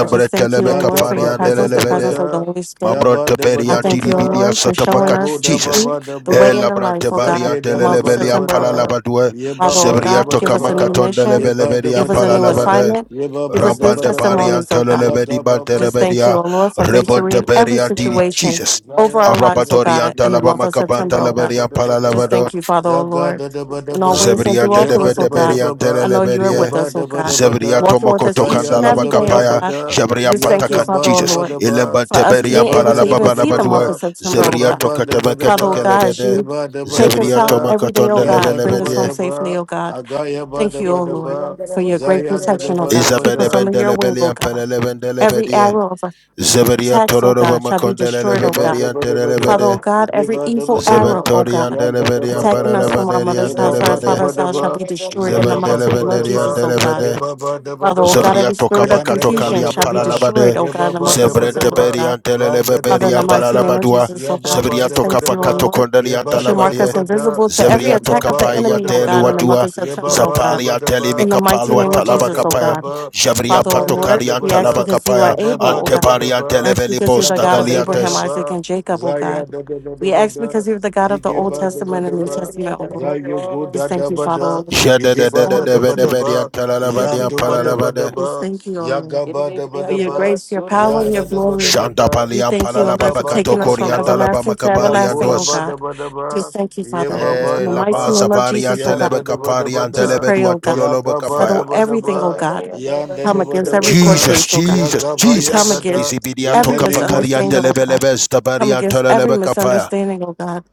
S4: I just thank you, O Lord, for your
S3: Yagaba
S4: presence, the presence of the
S3: Dabadabada,
S4: Holy Spirit.
S3: Yaba
S2: Mabrante
S4: I
S2: beria
S4: thank
S2: diri
S4: you, O
S3: Dabadabada,
S2: bidia
S4: Lord, for showing
S2: satapakat.
S3: Yabu
S4: us the
S2: Jesus.
S3: Dababa
S4: truth, the
S2: E
S4: way, and
S3: Daba,
S4: the life,
S2: labrante
S4: O God,
S2: baria
S4: the
S3: Zageda
S4: month of
S2: delelebelia
S4: September, O God.
S3: Dabadabada,
S2: palalabadue.
S4: Father, oh
S3: Yababa
S2: Zebria
S4: God, give us a new
S3: Dabadaba,
S2: tokamakaton
S4: mission.
S3: Yeba
S2: delebelebelia
S4: Give us a new
S3: Dabadabada,
S2: palalabade.
S4: assignment.
S3: Ye ba
S4: Give
S3: ba
S4: us
S3: da
S4: new
S3: ba
S2: Rampante
S3: da ba,
S2: baria
S4: testimonies, oh God.
S3: ya
S2: telelebedi
S3: ga ba ba
S4: Just
S3: da
S4: thank you,
S2: bantelebedia.
S4: O
S3: ba,
S4: Lord, for
S3: iba da
S4: victory
S2: Rebonte
S4: in
S3: ba da
S4: every
S3: ba
S2: beria diri.
S3: da,
S4: situation
S2: Jesus.
S4: over
S3: zaya
S4: our
S3: da da
S4: lives,
S3: ba
S4: O
S3: da ba
S2: Arabatorian
S4: God, in the
S3: da,
S4: month
S2: talabama
S4: of
S3: ye
S2: kapanta
S4: September, O
S3: ba da
S4: God.
S3: ba
S2: lebelia
S3: da ba
S4: Just
S3: da,
S4: thank you, Father, O
S3: zaga
S4: Lord,
S3: da da ba da
S4: in all
S3: ba,
S4: ways
S1: Jesus.
S4: and
S2: Zebria
S4: through all
S3: ye ba
S4: things,
S3: da
S4: O
S3: ba da
S4: God.
S3: ba
S2: dedebedeberian
S4: I
S3: ba,
S4: know you are
S3: ye
S2: teleleberie.
S4: with us, O
S3: da ba
S4: God,
S3: da ba
S2: Zebria
S3: da,
S4: walking with us
S2: tomokoto
S4: each
S3: zaya
S4: and
S2: kandala
S3: da
S4: every
S3: da ba
S4: day, O
S3: da ba
S2: bakapaya.
S4: God.
S3: da,
S4: I
S2: Jabria
S4: just
S3: ya
S4: thank you,
S3: ga
S2: pataka
S4: Father,
S3: ba
S4: O
S3: da
S2: Jesus.
S3: ba
S4: Lord,
S3: da ba,
S2: Ilemba
S4: for us
S3: ye
S2: teberian
S4: being
S3: ba
S4: able
S3: da
S4: to
S3: da ba
S4: even
S3: da
S4: see the
S3: ba
S4: month
S2: palalababalabadua.
S4: of
S3: ba,
S4: September,
S3: ye
S4: O
S2: Zebria
S3: ba
S4: God.
S3: ba da ba da
S4: Father, O
S3: ba,
S4: God, as
S2: tokatebeketekelebede.
S3: ye
S4: you
S3: ba da ba da
S4: take
S3: ba
S4: us
S2: Zebria
S4: out
S3: da,
S4: every day, O
S3: ya
S4: God,
S3: da da
S4: bring us
S3: ba
S2: tomakotondelebelebedie.
S4: home
S3: da
S4: safely,
S3: ba,
S4: O God.
S3: aga ya ba
S4: Thank
S3: da
S4: you,
S3: ba
S4: O
S3: da
S4: Lord,
S3: ba.
S4: for your great
S3: Zaya da da
S4: protection, O
S3: ba da
S4: God.
S3: ba
S4: Keep
S3: da.
S4: us under your wing, O
S2: Izabedebendelebelia
S4: God every
S2: pelelebendelebedia.
S4: arrow of
S2: Zebria
S4: attacks, O
S2: tororoba
S4: God, shall be destroyed, O
S3: Yeba
S4: God.
S2: makondeleberian
S3: daba daba da,
S4: Father, O
S2: telelebede.
S4: God, every
S3: yeba daba
S4: evil arrow,
S3: daba,
S4: O
S2: Zebentorian
S4: God,
S3: yanda
S2: deleberian
S3: daba
S4: attacking us
S3: daba,
S4: from our
S2: palalabanerian
S4: mother's
S3: yeba
S4: house or our
S3: ba
S2: delebede.
S3: daba
S4: father's house shall
S3: daba,
S4: be destroyed in the
S3: yaga ba
S4: mighty
S3: daba
S4: name of
S2: Zebendelebenderian
S4: Jesus,
S3: daba,
S4: O God.
S2: delebede.
S3: yeba ba daba
S4: Father, O God,
S3: daba,
S2: Zebria
S4: every
S2: toka
S4: spirit of
S2: baka
S3: yanda
S2: toka
S3: daba
S4: confusion
S2: lia
S4: shall
S3: daba
S4: be
S3: da,
S2: palalabade.
S4: destroyed, O God, in
S3: yeba
S4: the
S3: ba
S4: month of
S3: daba
S2: Zebrente
S4: September, O
S3: daba,
S2: beria
S4: God.
S2: anteleleve
S3: randa
S4: Father,
S3: daba
S4: in the
S2: beria
S3: daba
S4: mighty name
S3: da,
S4: of
S2: palalabadua.
S4: Jesus, O
S3: yaba
S4: God,
S3: ba
S2: Zebria
S4: just
S3: daba
S2: toka
S4: thank you, O
S2: paka
S3: daba,
S4: Lord.
S2: tokondeli
S4: You
S3: yeba
S4: shall
S3: daba
S4: mark
S2: antalabade.
S4: us
S3: daba da,
S4: invisible to every
S2: Zebria
S3: yaga
S4: attack
S2: toka
S4: of
S3: ba
S4: the
S3: daba
S2: paia
S4: enemy, O
S3: daba
S2: teli
S4: God, in the
S3: da,
S4: month
S2: wadua.
S4: of
S3: yeba
S4: September, O
S3: ba
S4: God.
S2: Zapali
S3: daba
S2: anteli
S3: daba,
S4: In the mighty
S2: mikapalua
S4: name
S3: yeba
S4: of
S3: ba
S2: talaba
S4: Jesus, O
S3: daba
S2: kapaya.
S4: God.
S3: daba,
S2: Jabria
S4: Father, O
S3: yeba
S2: patoka
S3: daba
S4: Lord,
S2: lia
S3: daba
S4: we ask
S2: antalaba
S3: da,
S4: because you are
S2: kapaya.
S3: yeba
S4: able,
S3: ba
S4: O
S3: daba
S4: God.
S2: Antebari
S3: daba.
S4: Ask
S2: anteleveli
S4: because you're the
S2: bosta
S4: God of Abraham,
S2: galiates.
S4: Isaac,
S3: Yagabadabadaba,
S4: and Jacob, O
S3: Zaya
S4: God. We ask
S3: Dabadabada,
S4: because you're the God of the Old
S3: Zigeba
S4: Testament and New
S3: Dabadaba,
S4: Testament, O Lord.
S3: Zaya
S4: Just thank you, Father,
S3: Gudadabada,
S4: O Lord.
S2: Jede de
S4: There's
S2: de
S4: no
S3: Igeba
S2: de
S4: one
S2: de de
S4: like
S2: de
S4: you.
S2: de de
S3: Dabadaba,
S4: Thank
S2: antalalabade
S4: you, Father.
S2: antalalabade.
S4: Just
S3: Yandubadabadaba,
S4: thank you, O Lord,
S3: Yagaba
S4: for your
S3: Dabadaba,
S4: grace, your power, and your
S3: Yanda
S4: glory.
S2: Shanda
S3: Dabadabada,
S2: bali
S4: We thank you, O Lord,
S2: antalalababa
S4: for
S3: Zagaba
S4: taking us
S2: katokori
S4: from
S3: Dabadaba,
S2: antalaba
S4: everlasting to
S2: makabari
S4: everlasting,
S3: Yagura
S4: O
S2: andos.
S4: God. Just
S3: Badabadaba,
S4: thank you, Father, O Lord.
S3: Yebaba
S4: In
S2: Eh,
S4: the
S2: la
S4: mighty
S2: baza
S3: Daba,
S4: name of
S2: varia
S4: Jesus, O
S2: telebe
S3: Yanda
S4: God.
S2: kaparia
S4: Just
S3: Dabadabada,
S2: andelebe
S4: pray,
S2: dua
S4: oh God.
S2: tololobe
S3: Yagaba
S2: kapaya.
S4: Settle everything, oh
S3: Dabadaba,
S4: God.
S3: Yanda
S4: Come against every court
S3: Dabadabada,
S2: Jesus,
S4: case, oh God.
S2: Jesus,
S3: Yagaba
S4: We come
S2: Jesus.
S3: Yadada,
S4: against
S2: Izibidia
S3: in
S4: every
S3: the
S2: toka
S3: name of
S2: pakaria
S4: misunderstanding, oh
S3: Jesus.
S2: andelebe
S4: God.
S2: lebes
S4: Come
S2: tabaria
S4: against every
S2: antelebe kapaya.
S4: misunderstanding, oh God.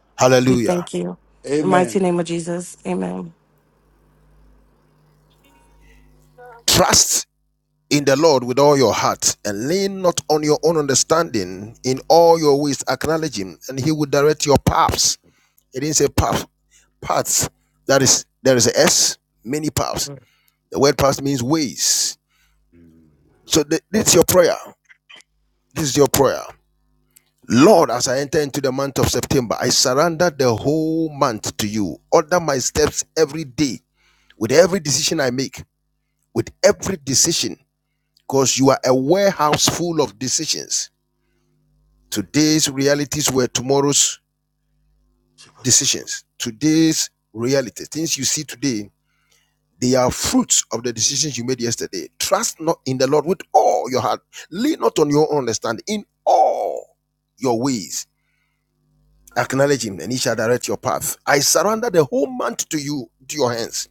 S4: We
S2: Hallelujah.
S4: thank you. In the mighty
S3: Amen.
S4: name of Jesus. Amen.
S2: Trust in the Lord with all your heart and lean not on your own understanding. In all your ways acknowledge him and he will direct your paths. It didn't say path, paths. That is, there is a S, many paths.
S3: Mm.
S2: The word paths means ways. So th- this is your prayer. This is your prayer. Lord, as I enter into the month of September, I surrender the whole month to you. Order my steps every day with every decision I make, with every decision, because you are a warehouse full of decisions. Today's realities were tomorrow's decisions. Today's realities, things you see today, they are fruits of the decisions you made yesterday. Trust not in the Lord with all your heart. Lean not on your own understanding. In all your ways Acknowledge him, and he shall direct your path. I surrender the whole month to you, to your hands.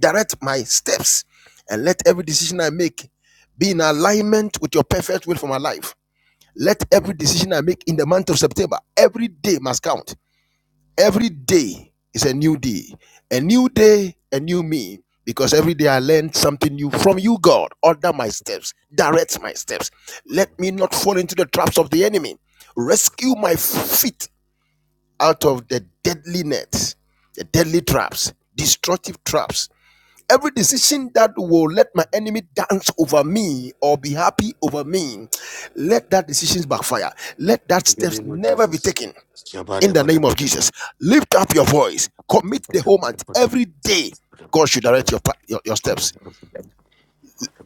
S2: Direct my steps, and let every decision I make be in alignment with your perfect will for my life. Let every decision I make in the month of September, every day must count. Every day is a new day, a new day, a new me. Because every day I learn something new from you, God. Order my steps, direct my steps. Let me not fall into the traps of the enemy. Rescue my feet out of the deadly nets, the deadly traps, destructive traps. Every decision that will let my enemy dance over me or be happy over me, let that decision backfire. Let that
S3: In the
S2: steps
S3: name of
S2: never be
S3: Jesus.
S2: taken. In the name of Jesus, lift up your voice. Commit the whole month. every day God should direct your your, your steps.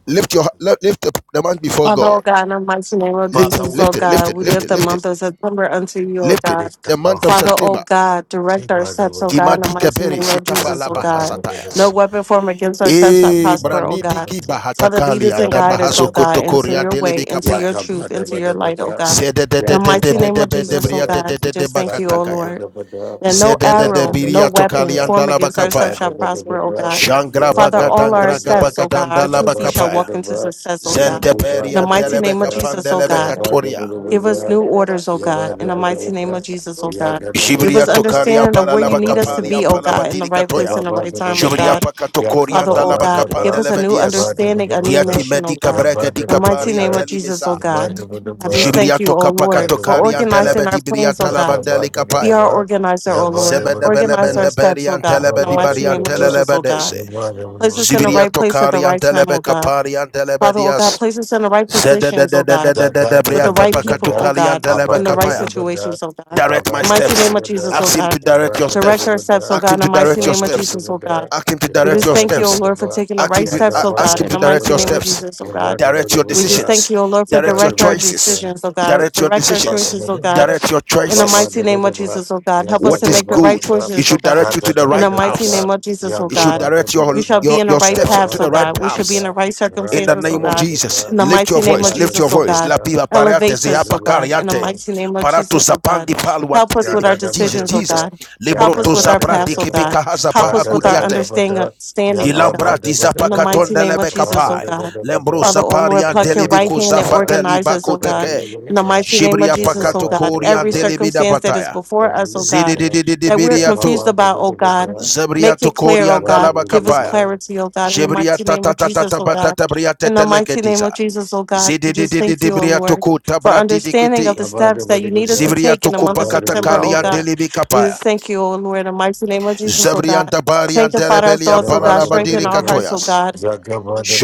S2: Lift your lift up the month before
S4: Father,
S2: God.
S4: O God, in the mighty name of
S2: Lift
S3: Father,
S2: it,
S4: Jesus,
S3: we
S4: O
S2: lift it,
S3: pray.
S2: lift
S4: God,
S3: in
S2: it,
S4: we
S3: the
S2: lift
S4: lift
S2: it,
S3: name
S4: the
S2: lift
S3: of
S2: it,
S4: month of
S3: Jesus.
S4: September unto you, O
S2: lift it.
S4: God.
S3: Lift
S2: The
S3: up
S2: month
S3: our
S2: of
S4: Father,
S3: hand.
S4: O
S2: September.
S4: God, direct our steps, O God, in the
S2: Dimadike
S4: mighty
S2: bere
S4: name of Jesus, O
S2: laba
S4: God.
S2: hasatayas.
S4: No
S3: Yabba-dabba-dabba-dabba.
S4: weapon formed against our steps shall
S2: E
S4: prosper, O
S2: braniti
S4: God.
S2: ki
S4: Father, lead us
S2: bahatakalia
S4: and
S2: da
S4: guide us, O
S2: bahaso
S4: God, into
S2: kotokoria
S3: Yabba-dabba-dabba-dabba.
S4: your way,
S2: delibika
S4: into
S2: paya.
S4: your
S3: Yaga
S4: truth,
S3: bada
S4: into your
S3: bada,
S4: light, O
S3: bada
S4: God.
S2: Zede de
S4: In
S2: de
S4: the
S2: de
S3: Yaga
S2: de
S4: mighty
S2: be
S4: name
S3: bada,
S2: de
S4: of
S2: be
S3: bada
S2: de
S4: Jesus, O
S2: bria de
S3: bada
S2: de
S4: God, we
S2: de de
S4: just thank you,
S3: Yada
S4: O
S3: da
S2: bakatakaya.
S4: Lord.
S3: bada, bada
S4: And no
S2: Zede de de
S3: Yada
S4: arrow,
S3: da
S4: no
S2: biria
S3: bada
S4: weapon
S2: tokalian
S3: bada,
S4: formed against
S3: Yaba
S4: ourselves
S2: dalabakapaya.
S3: da
S4: shall
S1: Rabba
S3: bada
S4: prosper, O
S3: bada
S4: God.
S1: Yandara
S2: Shangra
S1: Basura
S3: Yaba
S4: Father,
S3: bada,
S2: bagadan
S4: all our
S3: bada
S2: graga
S3: bada
S4: steps, O God,
S2: bagadan
S4: our
S3: Yaba
S4: two feet shall
S2: dalabakapaya.
S4: walk into
S3: bada,
S4: success, O
S3: Yakubadabadabada.
S4: God.
S2: Zente
S4: In
S3: Yadadabadabada.
S4: the
S2: perian
S3: bada
S4: mighty name of
S2: delebeka
S3: bada,
S4: Jesus, O
S3: Yababadabadaba. Yababadabadaba.
S2: pandelebeka
S4: God,
S1: Bayandi,
S2: toria.
S3: bada
S4: give us
S3: bada.
S4: new orders, O
S3: Yeba
S4: God.
S3: da
S4: In the
S3: ba da ba
S4: mighty name
S3: da,
S4: of Jesus, O
S3: ya
S4: God.
S3: da da ba
S4: Give
S3: da
S2: Jibria
S4: us
S3: ba da,
S2: tokarian
S4: understanding of where
S3: ya
S4: you need
S3: ba
S4: us
S3: da
S4: to
S3: ba
S2: paralabakapalia
S3: da
S4: be, O
S3: ba da,
S4: God, in the
S2: palabatiri
S4: right
S3: ya
S2: katoya.
S4: place,
S3: ba
S4: in the
S3: ba
S4: right
S3: da ba
S4: time,
S3: da
S4: O
S2: Jibria
S3: ba,
S4: God.
S3: ya ka
S2: pakatokorian
S4: Father,
S3: ba
S4: oh
S3: ba da
S4: God, give
S3: ba,
S4: us a new
S3: ya
S2: dalabakapandelebedies.
S3: ba da ba
S4: understanding,
S3: da
S4: a
S3: ba
S4: new
S3: da,
S2: Diati
S4: mission, oh
S2: medica
S3: ya
S4: God.
S3: ba
S2: breca
S3: da
S4: In the
S3: ba
S2: dica
S3: da ba
S4: mighty
S2: paria
S4: name
S3: da,
S4: of Jesus, oh
S3: ya ba
S4: God.
S3: da ba da
S4: I just
S3: ba,
S4: thank you,
S2: Jibriato
S4: oh
S3: ba
S4: Lord,
S3: da
S4: for
S3: ba da
S2: kapakatokari
S3: ba da,
S4: organizing
S2: antelebedi
S4: our plans, oh
S3: ya ka
S4: God.
S3: ba
S2: briatalabandeli
S3: da ba
S4: Be
S3: da
S2: kapaya.
S4: our
S3: ba,
S4: organizer,
S3: ya
S4: oh
S3: ba da
S4: Lord.
S3: ba da ba
S4: Organize our
S2: Zebedebelebende
S3: da,
S4: steps,
S2: beri
S4: oh
S3: ya
S4: God.
S3: ba
S4: In the
S2: antelebedi
S3: ba da
S4: mighty
S2: bari
S3: ba da
S4: name of
S3: ba,
S4: Jesus, oh God.
S3: ya
S2: antelebedese.
S3: ba da ba
S4: Place
S3: da
S4: us
S3: ba
S4: in the
S3: da,
S4: right
S2: Zibriato
S4: place at the
S2: kari
S4: right time,
S2: antelebe
S4: oh God.
S2: kapari
S4: Father, oh God,
S2: antelebedias.
S4: place us in the right positions, oh God,
S3: Zaga
S2: Zededededededede
S3: da
S4: with
S3: da
S4: the
S3: ba
S4: right
S3: da ba
S4: people,
S3: da,
S4: oh
S2: briatapakatukali
S4: God,
S3: ma
S2: antelebe
S3: ba
S4: in the
S3: da
S4: right
S3: ba
S2: kapaya.
S3: da ba da,
S4: situations, oh God.
S3: iba
S2: Direct
S3: ba
S2: my
S3: da
S4: Mighty
S3: ba da
S2: steps.
S4: name of
S3: ba
S4: Jesus,
S3: da,
S4: oh
S2: Ask Him
S4: God.
S2: to direct
S3: iba
S2: your
S3: da ba da
S4: Direct
S2: steps.
S4: our
S3: ba
S4: steps, oh
S3: da,
S2: Ask
S4: God,
S2: Him
S4: in the
S2: to
S4: mighty
S2: direct
S3: iba
S2: your
S4: name
S3: da
S4: of
S3: ba
S2: steps.
S3: da
S4: Jesus,
S3: ba
S4: oh God.
S3: da,
S2: Ask Him to
S3: iba
S4: We
S3: ba
S2: direct
S4: just
S2: your
S4: thank
S3: da
S4: you, O
S3: ba
S2: steps.
S3: da
S4: Lord, for
S3: ba,
S4: taking the
S2: Ask
S4: right
S2: Him
S3: ya
S2: to,
S3: ga
S4: steps,
S2: a-
S4: O
S3: ba
S2: ask
S4: God,
S3: da
S2: him
S4: in
S2: to
S3: ba
S4: the
S3: da ba
S2: direct
S4: mighty
S2: your
S4: name of
S3: da,
S2: steps.
S4: Jesus, O
S3: iba
S4: God.
S3: da ba
S2: Direct
S3: da
S2: your
S3: ba
S4: We just
S3: da,
S4: thank
S2: decisions.
S4: you, O Lord, for
S3: iba
S2: Direct your
S3: da
S4: direct our
S2: choices.
S4: decisions, O God.
S2: Direct your
S4: Direct our
S3: ba da
S2: decisions.
S3: ba
S4: choices, O
S3: da,
S4: God.
S2: Direct your
S3: Ya
S4: In the
S2: choices.
S4: mighty name of Jesus, oh God, help us
S2: What
S4: to
S2: is
S4: make the right
S2: good? It
S4: choices, oh
S2: should direct
S4: God.
S2: you to the
S4: In the
S2: right
S4: mighty
S2: paths.
S4: name of Jesus, oh
S2: It should
S4: God,
S2: direct your,
S4: we shall be
S2: your,
S4: in the
S2: your
S4: right
S2: steps onto
S4: paths, oh
S2: the right
S4: God. We should be
S2: paths
S4: in the right
S2: in the
S4: circumstances, oh
S2: name of
S4: God.
S2: Jesus,
S4: In the
S2: lift
S4: mighty
S2: your
S4: name of
S2: voice, lift your
S4: Jesus, oh
S2: voice. La
S4: God.
S2: biba parate
S4: elevate
S2: zia
S4: us, oh God, in the
S2: pakariate.
S4: mighty name of
S2: Barato
S4: Jesus, oh
S2: zapandi
S4: God.
S2: palwa
S4: Help us
S2: telling me,
S4: with our
S2: Jesus,
S4: decisions, oh
S2: Jesus.
S4: God. Help us
S2: Libroto
S4: with our
S2: zaprati
S4: paths, oh God.
S2: kibika
S4: Help
S2: hazapaha
S4: us with our
S2: kudiate.
S4: understanding, standing, oh God.
S2: Dilambrati
S4: In the mighty
S2: zapakatonda
S4: name of Jesus, oh
S2: lebekapai.
S4: God.
S2: Lembro
S4: Father, oh Lord, pluck
S2: zapariante
S4: your right
S2: libiku
S4: hand and
S2: zafateli
S4: organize us, oh God.
S2: bakuteke.
S4: In the mighty name of
S2: Shibria
S4: Jesus, oh
S2: pakato
S4: God, every
S2: koriante
S3: Baba
S2: libida
S4: circumstance that is
S2: bataya.
S4: before us, oh God,
S3: Hallelujah.
S4: that we're confused
S2: Zididididibiriato.
S4: about, oh
S3: Yabba-ba-da-ba-da-ba-da.
S4: God, make
S2: Zebriato
S4: it clear, oh God.
S2: koriandala
S4: Give us
S2: bakapaya.
S3: Yabba-da-ba-da-ba-da.
S4: clarity, oh God, in the
S2: Jebria
S4: mighty name
S2: tata
S4: of
S2: tata tata ta
S4: Jesus,
S2: ta
S4: oh
S2: ba ta
S4: God.
S2: ta bria te
S4: In the
S2: te
S4: mighty name
S2: leketiza.
S4: of Jesus, oh God,
S2: Zidi
S4: we
S2: di
S4: just
S2: di di
S4: thank
S2: di
S4: you, oh
S2: bria
S4: Lord,
S2: tuku
S4: for
S2: tabra di di
S4: understanding
S2: kiti.
S4: of the steps that you need us
S3: Yabba-da-ba-da-ba-da.
S4: to
S2: Zibria
S4: take in the
S2: tuku
S4: month of
S2: pakata
S4: September,
S2: kali
S4: oh God.
S2: andeli
S4: We
S2: bikapaya.
S4: just thank you, oh Lord, in the mighty name of Jesus, oh God.
S2: Zebrianta bari
S4: Sanctify
S2: antele
S4: our
S2: beli
S4: thoughts, oh
S2: ampana
S4: God.
S2: la badiri
S4: Strengthen our
S3: Yabba-da-ba-da-ba-da. Yabba-ba-da-ba-da-ba-da.
S4: hearts, oh
S2: katoyas.
S4: God.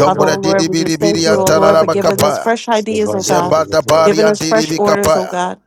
S4: Father, oh
S2: di di
S4: Lord, we
S2: biri
S4: just thank
S2: biri
S4: you, oh
S2: antala
S4: Lord,
S2: la
S4: for giving
S3: Yabba-da-ba-da-ba-da.
S4: us
S2: bakapaya.
S4: fresh ideas, oh God,
S2: Zembata
S3: Yabba-da-ba-da-ba-da.
S2: bari
S4: giving us
S2: antiri
S4: fresh orders, oh
S2: bikapaya.
S4: God.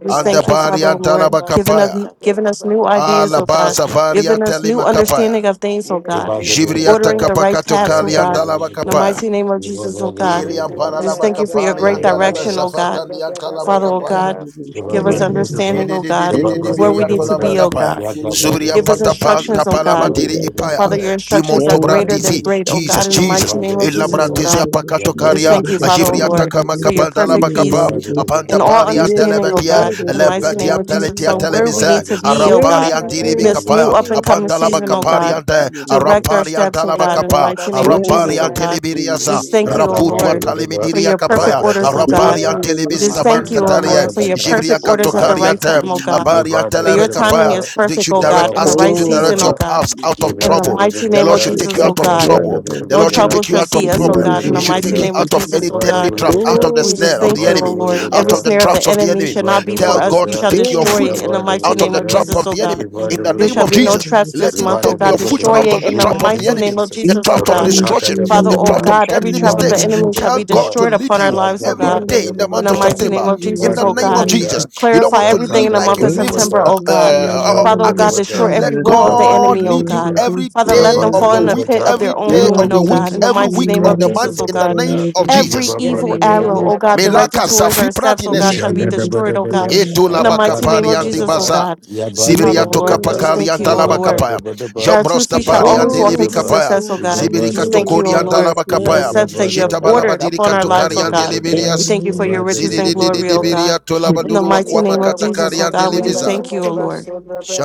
S4: We just
S2: Anda
S4: thank you,
S2: bari
S4: Father, oh
S2: antala
S4: Lord, giving us
S2: bakapaya.
S4: giving us new ideas,
S2: Ala
S4: oh God,
S2: basa vari
S4: giving us
S2: anteli
S4: new
S2: makapaya.
S4: understanding of things, oh God,
S2: Jibriata
S3: Yabba-da-ba-da-ba-da. Yabba-ba-da-ba-da-ba-da.
S4: ordering the right
S2: kapakato
S3: ba
S4: paths, oh
S2: kali
S4: God.
S2: andala
S4: In the
S2: bakapaya.
S4: mighty name of
S3: da
S4: Jesus,
S3: ba
S4: oh God,
S2: Dili
S3: da
S4: we
S2: ampara
S4: just
S2: laba
S4: thank you for your
S2: kapari
S4: great
S2: andalaba
S3: ba
S4: direction, oh God,
S2: zafatandi antalaba
S4: Father, oh
S2: kapaya.
S4: God, give
S3: Yabba
S4: us understanding,
S2: Jini
S4: oh
S2: di di
S4: God,
S2: di di di
S5: Ere
S4: of where we
S2: biria
S4: need to
S2: tolaba
S4: be,
S5: makayana
S4: oh
S2: kapaya.
S4: God.
S5: rakakura
S2: Zubria
S4: Give us
S2: patapa
S4: instructions, oh
S2: tapalaba
S4: God.
S5: rinoshekere
S2: diri ipaya.
S5: bakaka
S4: Father, your
S2: Dimon
S4: instructions are
S5: yana
S4: greater
S2: tobrati
S4: than
S2: si.
S4: great, oh
S2: Jesus,
S4: God,
S5: rakashinga
S4: in the
S2: Jesus.
S4: mighty name of
S5: rakakura
S4: Jesus, oh
S2: Elabrati si
S4: God.
S2: apakato
S4: We Just
S5: rinoshekere
S2: karia.
S4: thank you, Father, O
S2: Ajivria
S5: rakakura
S4: Lord,
S2: takama
S4: for your perfect
S2: kapandalaba kapa.
S4: peace
S5: rakakura
S2: Apanta
S4: and all
S2: pari
S4: understanding,
S2: antalaba
S4: O
S2: dia.
S4: God, in
S5: yeketere
S4: the mighty
S2: Elempati
S4: name
S5: bakayana
S4: of Jesus,
S2: ampeletia
S4: on where we
S2: telemisa.
S4: need to be, O
S2: Arampari
S4: God,
S2: antiri
S4: in
S2: bi
S5: yeketere
S4: this new
S2: kapaya.
S4: up
S5: bakayana rakakura
S4: and coming
S2: Apandalaba
S4: season, O
S2: kapari
S5: rakakura
S4: God.
S2: ante.
S5: yende
S4: Direct our
S2: Arampari
S5: rakakura
S4: steps, O
S2: antalaba
S4: God, in the
S2: kapa.
S4: mighty name of
S5: rakakura yende
S2: Arampari
S4: Jesus, O God.
S2: antelibi
S4: We
S2: Telebiriasa,
S4: Just
S5: rakakura
S4: thank
S3: Yabba
S4: you, O
S2: Rabutwa
S4: Lord, for
S2: Talimediria
S4: your perfect
S2: Kapaya,
S4: orders, O God.
S2: Arabalian
S4: We just
S2: Telebistaman
S4: thank you, O
S5: rakakura
S2: Kataria,
S4: Lord, for your
S2: Jibria
S4: perfect orders at the right
S2: Katokariate,
S4: time, O God.
S2: Abarian
S4: For
S2: Telebe
S4: your timing
S2: Kapaya.
S4: is
S2: They
S4: perfect,
S2: should
S4: O
S2: direct,
S4: God, in the
S2: ask Him
S4: right
S2: to
S5: Oh,
S4: season,
S2: direct
S4: O
S2: your
S4: God.
S2: paths out of
S4: In the
S2: trouble.
S4: mighty
S2: The
S4: name
S2: Lord
S4: of
S2: should take
S4: Jesus,
S2: you
S4: O
S2: out of
S4: God.
S2: trouble. The
S4: No
S2: Lord should
S4: trouble
S2: take you
S4: shall
S2: out of
S4: see us, O
S2: problem.
S4: God. In the
S2: It should
S4: mighty
S2: take you
S4: name of
S2: out of any
S4: Jesus, O
S2: deadly
S4: God.
S2: trap, out of the
S4: We
S2: snare
S4: just
S2: of the
S4: thank you, O
S2: enemy,
S4: Lord.
S2: out
S4: Every
S2: of the
S4: snare of the
S2: traps of the
S4: enemy
S2: enemy.
S4: shall not be
S2: Tell
S4: for us.
S2: God
S4: You
S2: to
S4: shall
S2: take your
S4: destroy
S2: foot
S4: it in the mighty
S2: out of
S4: name
S2: the
S4: of
S2: trap
S4: Jesus,
S2: of
S4: O
S2: the
S4: God.
S2: enemy in the
S4: There
S2: name
S4: shall
S2: of
S4: be no
S2: Jesus.
S4: traps this
S2: Let him
S4: month, O
S2: take
S4: God.
S2: your foot
S3: Ba-da-ba-da-ba-da.
S4: Destroy
S2: out
S4: it
S2: of the
S4: in
S3: In
S4: the
S3: the
S2: trap of the
S3: name
S4: mighty
S3: of
S2: enemy,
S4: name of
S3: Jesus.
S2: the
S4: Jesus, O
S2: trap of
S4: God.
S2: destruction,
S4: Father,
S2: the
S4: O
S2: trap
S3: Raka-da-da-ba-da-ba.
S2: of
S4: God, every
S2: deadly
S4: trap of the
S2: mistakes.
S4: enemy shall
S2: Tell
S4: be
S2: God
S3: Ba-da-ba-da-ba-da.
S2: to
S4: destroyed
S2: lead
S4: upon our
S2: you
S4: lives, O
S2: every
S4: God.
S2: day in the
S4: In
S2: month
S4: the
S2: of
S3: Yaga-ba-da-ba-da-ba-da.
S4: mighty name
S2: September
S4: of
S2: in
S4: Jesus,
S2: the
S4: O
S2: name of
S4: God.
S3: Ba-da-ba-da-ba-da.
S2: Jesus. You don't
S4: Clarify
S2: want to
S4: everything
S2: live
S4: in the
S2: like
S4: month
S2: you
S4: of
S2: lived
S4: September,
S2: uh,
S3: Zaka-da-da-ba-da-ba-da.
S4: O God.
S2: uh,
S4: Father, O God,
S2: August.
S3: Yaba-da-ba-da-ba-da.
S4: destroy every
S2: Let
S4: will of the
S2: God
S4: enemy, O
S2: lead you
S4: God.
S3: Ba-ba-da-ba-da-ba-da.
S2: every
S4: Father, let
S2: day
S4: them
S2: of
S4: fall
S2: the
S4: in the
S2: week,
S4: pit
S3: Yaba-da-ba-da-ba-da.
S4: of
S1: Rabba
S2: every
S4: their
S5: From
S4: own
S2: day
S1: Yandara
S3: Thank
S5: the
S1: Ba,
S2: of
S4: ruin,
S3: you,
S2: the
S4: O
S5: snow,
S2: week,
S4: God. In the
S3: Jesus.
S2: every
S4: mighty
S2: week
S4: name
S3: Ra
S2: of
S4: of
S2: the
S3: da da
S4: Jesus,
S2: month
S3: ba
S4: O
S2: in
S3: da
S2: the
S4: God.
S3: ba
S2: name
S3: da,
S2: of
S3: ya
S4: Every
S2: Jesus.
S3: ba ba
S4: evil
S3: da
S1: Yere
S3: ba da
S4: arrow,
S3: ba,
S4: oh
S1: Briandara
S4: God, directed
S2: Melaka
S4: towards
S2: Safi
S4: our steps, oh God,
S2: Pratinese.
S4: shall
S3: Shababa
S4: be destroyed, oh God.
S3: ragada
S4: In the
S1: Rabba,
S4: mighty name of Jesus, oh
S2: Etulabakapariandibasa.
S4: God.
S3: yebaba
S4: Father, oh
S2: Zibiriato
S4: Lord, we just thank you,
S3: ibaba ibaba
S4: oh Lord.
S2: kapakaliantalabakapaya.
S4: That our two
S3: Shagadabadabada,
S2: Jombrosta
S4: feet shall always walk into
S3: ragadadabadaba, yabadabadabada, yebabadabadaba,
S2: pariandelibikapaya.
S4: success,
S3: ibabadabadaba,
S4: oh God. We Just thank you, oh
S3: ibabadabadaba,
S4: Lord, for the
S2: Zibirikatokoriantalabakapaya.
S4: steps that you have
S3: yagabadaba,
S1: Rabbi,
S4: ordered upon our lives, oh God.
S3: ibadabadabada,
S5: in the
S4: We
S2: Jetabalabadirikatokariandelibirias.
S4: thank you for
S5: name of
S4: your riches and
S5: Jesus,
S4: glory,
S3: radadabadabada,
S4: oh God. In the
S2: Zididididibiriatolabaduru
S5: deliver us
S4: mighty name
S5: from the snow,
S4: of
S5: in
S4: Jesus,
S5: the
S4: oh God, we
S5: name
S4: just
S2: wakwamakatakariandelibiza.
S4: thank you, oh Lord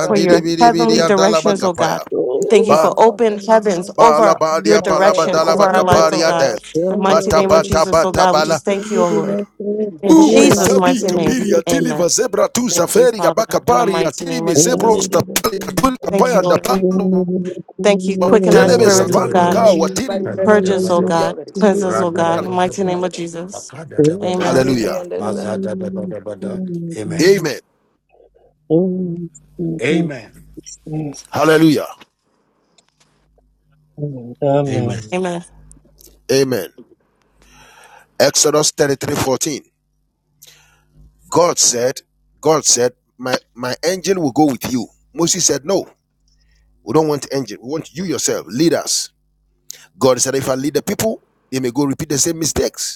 S4: for your heavenly
S5: of
S4: directions, oh
S5: Jesus.
S4: God. We thank you
S5: Oh,
S2: Ba-
S4: for
S5: Rabbi,
S4: open
S5: Rabbi,
S4: heavens
S2: ba ba
S5: Rabbi,
S2: la
S4: over your direction, over our
S5: Jesus.
S4: lives, oh God.
S2: balabadiapalabadalabakapariade.
S4: In the
S5: Amen.
S4: mighty
S2: Bata
S4: name of
S2: bata
S4: Jesus, oh
S2: bata
S4: God, we
S2: bala.
S4: just thank you, oh Lord. In
S2: Ube
S4: Jesus'
S2: sabi
S4: mighty name,
S2: kapiri atili
S4: amen.
S2: va tu
S4: Thank you,
S2: zaferi
S4: Father,
S2: gabaka
S4: in the mighty
S2: atili
S4: name
S2: mi
S4: of Jesus.
S2: stapali katul
S4: Thank you,
S2: kapaya
S4: Lord.
S2: ndabalu
S4: Thank you. Quicken our
S2: telebe
S4: spirits, oh
S2: sapan
S4: God.
S3: shababadabadaba,
S2: ka watiri
S4: Purge us, oh
S3: kadadabadaba,
S2: ya-
S4: God. Cleanse us, oh God. In the mighty
S3: radadabadaba,
S4: name of Jesus.
S3: makadadabadaba,
S4: Amen.
S2: Hallelujah.
S3: mazadadabadabada. Amen.
S2: Amen.
S3: Amen.
S2: Hallelujah.
S5: Amen.
S3: Amen.
S4: Amen.
S2: Amen. Exodus 33:14. God said, God said, my, my angel will go with you. Moses said, No, we don't want angel. We want you yourself. Lead us. God said, If I lead the people, they may go repeat the same mistakes.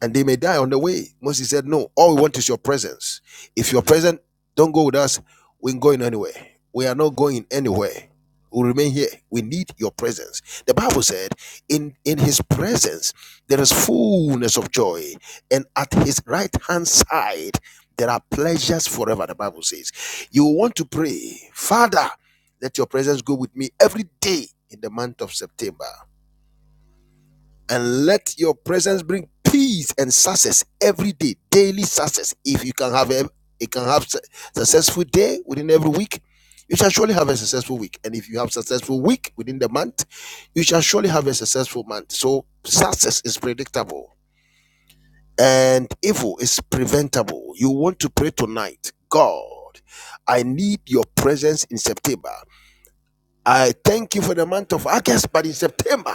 S2: and they may die on the way. Moses said, No, all we want is your presence. If you're present, don't go with us. We ain't going anywhere. We are not going anywhere. We'll remain here. We need your presence. The Bible said, In in his presence there is fullness of joy, and at his right hand side there are pleasures forever. The Bible says, You want to pray, Father, let your presence go with me every day in the month of September and let your presence bring peace and success every day daily success if you can have a you can have successful day within every week you shall surely have a successful week and if you have successful week within the month you shall surely have a successful month so success is predictable and evil is preventable you want to pray tonight god i need your presence in september I thank you for the month of August, but in September,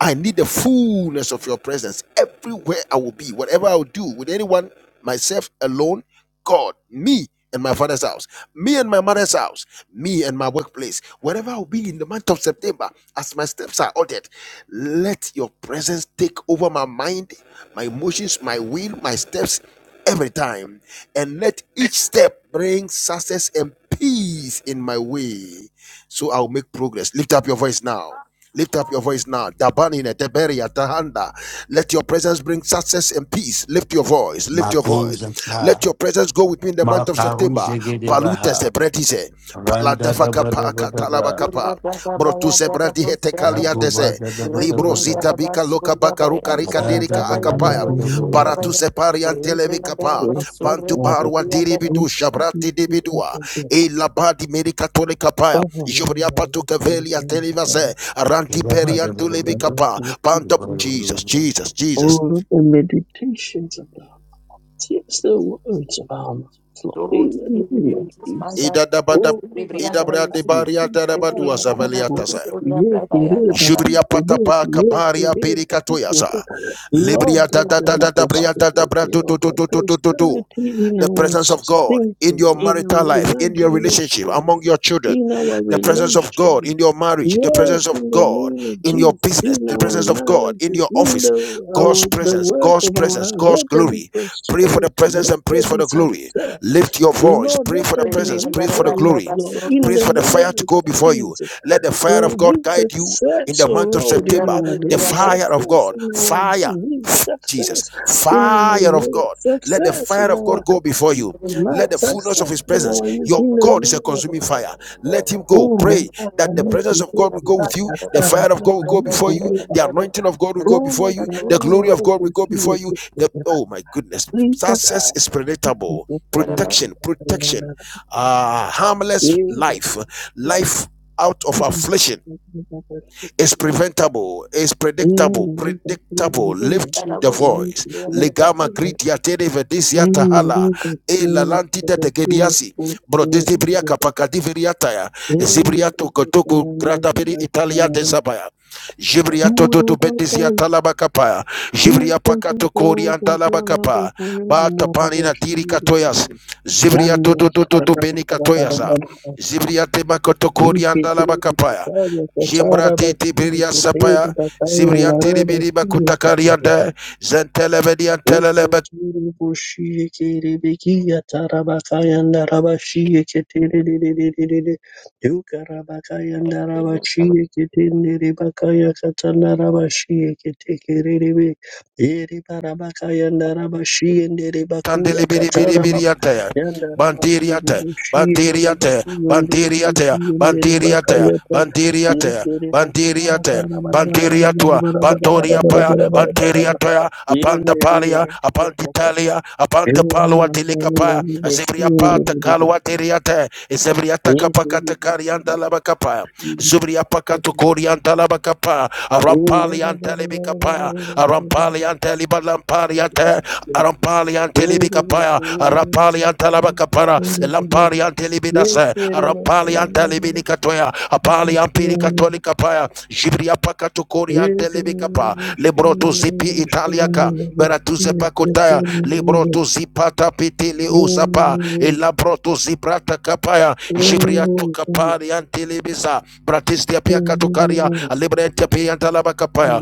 S2: I need the fullness of your presence everywhere I will be, whatever I will do with anyone, myself alone, God, me and my father's house, me and my mother's house, me and my workplace, wherever I will be in the month of September, as my steps are ordered, let your presence take over my mind, my emotions, my will, my steps every time, and let each step bring success and peace in my way so I'll make progress. Lift up your voice now. Lift up your voice now. Dabanine, Deberia, Tahanda. Let your presence bring success and peace. Lift your voice. Lift
S3: My
S2: your voice.
S3: goals and
S2: Let
S3: time.
S2: your presence go with me in the
S3: My
S2: month of September. Balutes de Bredise.
S3: Randa da
S2: Paladafaka
S3: ba da ba da ba.
S2: Pakatalabakapa. Brotuse Bradihetekalia
S3: Yagoba
S2: Dese.
S3: da da ba da
S2: Libro
S3: ba da.
S2: Zita Bika loka baka ruka rika
S3: Zanda
S2: dirika
S3: da ba da
S2: akapaya.
S3: ba da ba
S2: Para
S3: ba.
S2: tu separi anteleve kapa. Pantu barua
S1: Rabbi,
S2: diribitu shabrati dibidua. E labadi merika tole kapaya. Jobria patu keveli
S5: Oh,
S2: antelevase. Ranti
S3: Yababa
S2: peri
S3: da ba da ba
S2: antulevi
S5: Lord, I
S3: da.
S2: pa.
S5: thank you
S2: Panto
S5: for
S3: Yababa
S2: Jesus, Jesus, Jesus.
S5: All of the meditations of the heart, yes, the words of our mouth, Lord,
S1: Lord
S5: in the name of
S1: Jesus,
S5: Jesus.
S1: manda
S2: Ida dabada.
S1: Deus,
S5: Oh,
S1: brilhando
S2: Ida
S5: Kuraba,
S1: a
S2: brade
S1: luz,
S5: Kari,
S2: baria darabadua
S5: Kuraba,
S1: brilhando a na
S2: saveliata sa.
S5: Kurubo,
S1: professora,
S5: Ye,
S1: trabalhando
S5: Kereba,
S1: a
S2: Jubria
S5: Kurubo,
S2: patapa
S5: Ye,
S2: kaparia
S5: Kereba,
S2: perika toyasa.
S5: Kurubo. Lord,
S2: Libria da
S5: let
S2: da
S5: there
S2: da
S5: be
S2: da
S1: trabalhando a
S2: da bria
S1: luz,
S2: da da bra
S5: prosperity,
S2: tu
S5: oh
S2: tu tu
S5: God,
S2: tu tu tu tu.
S5: prosperity in
S2: the
S5: our
S2: presence of God in your
S5: thinking, in
S2: marital life,
S5: our
S2: in your relationship, among
S5: imaginations,
S2: your children,
S5: in our
S2: the presence of
S5: relations.
S2: God in your marriage, the
S5: Yes,
S2: presence of
S5: in the
S2: God
S5: name of
S2: in your
S5: Jesus,
S2: business,
S5: in
S2: the
S5: our
S2: presence of God in
S5: marriages,
S2: your
S5: in
S2: office,
S5: the,
S2: God's
S5: our, the
S2: presence,
S5: work
S2: God's
S5: of our
S2: presence,
S5: hands,
S2: God's
S5: let there be
S2: glory. Pray for the
S5: prosperity,
S2: presence
S5: let
S2: and
S5: there
S2: praise for
S5: be
S2: the glory.
S5: success.
S2: Lift your voice,
S5: Lord,
S2: pray
S5: let
S2: for the
S5: there be
S2: presence,
S1: brilhando
S2: pray
S1: a
S2: for the
S1: na
S5: victories,
S2: glory,
S5: Lord, in
S1: professora,
S2: praise
S5: the
S2: for the fire
S5: name
S2: to
S5: of
S2: go before you.
S5: Jesus.
S2: Let the fire of God
S5: Bring
S2: guide you in
S5: success,
S2: the
S5: oh
S2: month of
S5: Lord, in
S2: September.
S5: our
S2: The
S5: days,
S2: fire of
S5: success
S2: God,
S5: in our
S2: fire.
S5: week,
S2: Jesus,
S5: success in our
S2: fire of
S5: year,
S2: God. Let the
S5: success in
S2: fire of God
S5: our
S2: go before you.
S5: Ma-
S2: Let the fullness of
S5: success
S2: His
S5: in
S2: presence.
S5: our youth,
S2: Your
S5: in the
S2: God is a
S5: name of
S2: consuming fire. Let Him go. Pray
S5: Thank
S2: that the presence of God will go with you. The fire of God will go before you. The anointing of God will go before you. The glory of God will go before you. The, oh my goodness, success is predictable.
S1: trabalhando
S2: Protection, protection, uh, harmless life, life out of affliction it's preventable. It's predictable. Predictable. Lift the voice. Legama gritia televedisia tahala. E la lantita te gediasi. Brodesibria capacadiveriataya. Zibriato kotoku grata peri italia de sabaya. Jibriato tutu betisia
S5: you.
S2: talabacapa. Jibria pacato corian
S5: Yanda
S2: talabacapa. Bata panina tiri katoyas. Zibria toto tutu beni katoyasa. Zibria tema koto corian talabacapaya. Jimbrati Tiberia Sapaya, Zibrianti Ribiriba Kutakarianda, Zentelevedian Telebe
S5: Ukotiri boshire kere bekiya tarabakayanda rabashiye keterererererere. Yukarabakayanda
S1: a
S5: rabashiye ketendere bakaya katanda rabashiye ketekererebe. Eri barabakayanda rabashiye ndere bakuya
S2: Kandeli biri biri
S5: kataraba.
S2: biri yataya.
S5: yanda
S2: Bantiri yataya. Bantiri yataya. Bantiri yataya. Bantiri yataya.
S5: Yandarabakuyakatarabakuyandarabashi
S2: Bantiri yataya.
S5: Yekere
S2: Bantiri
S5: bakura
S2: yataya.
S5: bakara bara bara
S2: Bantiri
S5: bara bara
S2: yatua.
S5: bara bara
S2: Bantori
S5: bara bara
S2: yapaya.
S5: bara bara bara
S2: Bantiri
S5: bara
S2: yataya.
S5: Yes,
S2: Apanta paria. Apanti talia. Apanta palua dilika paya. Asibri apata kalua tiri yataya. Isibri yataka pakata karianta laba kapaya. Zubri apaka tukurianta laba kapaya. Arampali antele bikapaya. Arampali anteli Lampari ante arampali ante libika paya arampali ante labaka para lampari ante libida se arampali ante libini katoya apali ampiri katolika paya jibri apaka tukori ante libika pa libro tu zipi italiaka bera zepa kutaya libro tu zipata piti li ilabro tu ziprata kapaya jibri atoka pari ante libisa bratistia pia katukaria libre ante pia ante labaka paya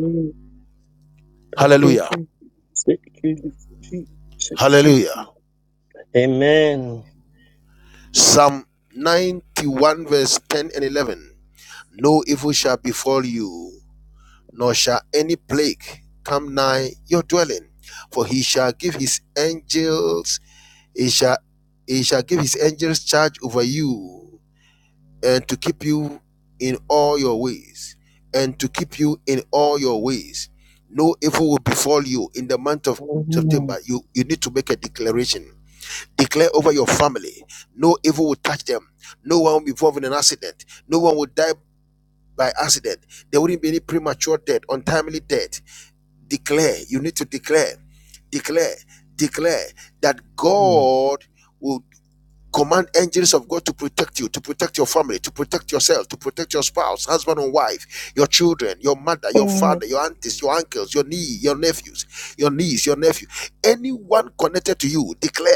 S2: hallelujah
S5: Amen.
S2: hallelujah
S5: Amen.
S2: Psalm 91, verse 10 and 11. No evil shall befall you, nor shall any plague come nigh your dwelling. For he shall give his angels, he shall, he shall give his angels charge over you, and to keep you in all your ways, and to keep you in all your ways. No evil will befall you in the month of September. You, you need to make a declaration Declare over your family. No evil will touch them. No one will be involved in an accident. No one will die by accident. There wouldn't be any premature death, untimely death. Declare. You need to declare. Declare. Declare that God will. Command angels of God to protect you, to protect your family, to protect yourself, to protect your spouse, husband and wife, your children, your mother, your father, your aunties, your uncles, your niece, your nephews, your niece, your nephew. Anyone connected to you, declare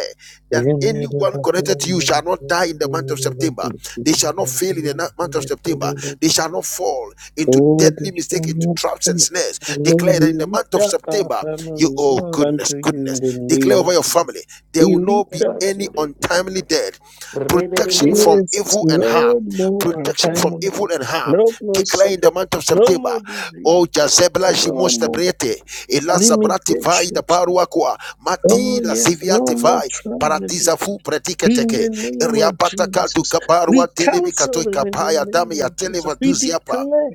S2: that anyone connected to you shall not die in the month of September. They shall not fail in the month of September. They shall not fall into
S5: Oh,
S2: deadly
S5: the
S2: mistake, into
S5: strong
S2: traps and snares.
S5: Lord,
S2: Declare that
S5: we
S2: in the
S5: lift
S2: month of
S5: up our
S2: September, you,
S5: families,
S2: oh
S5: Lord,
S2: goodness,
S5: unto you in
S2: goodness,
S5: the
S2: declare
S5: name
S2: over
S5: of
S2: your
S5: Jesus.
S2: family. There
S5: We
S2: will not
S5: lift
S2: be
S5: up,
S2: any untimely
S1: Rebriandara
S2: death. Protection from
S5: yes,
S2: evil and harm.
S5: no more
S2: Protection from
S5: untimely
S2: evil and
S5: deaths,
S2: harm.
S5: no more
S2: Declare in the
S5: sickness,
S2: month of
S5: no
S2: September.
S5: more disease,
S2: Oh, Jazebla
S5: no more.
S2: Shimostabrete. Elazabrati vai da
S5: limitations.
S2: paruakwa.
S5: Oh,
S2: Mati la
S5: yes, no
S2: ziviate
S5: more
S2: vai.
S5: tragedy.
S2: Paradisa fu
S5: In
S2: pretiketeke.
S5: the name of
S2: Riapataka du
S5: Jesus,
S2: kabarua
S5: we
S2: televi
S5: counsel
S2: katoi
S5: them in the
S2: kapaya
S5: name
S2: dami ya
S5: of Jesus.
S2: televa
S5: We
S2: duziapa.
S5: declare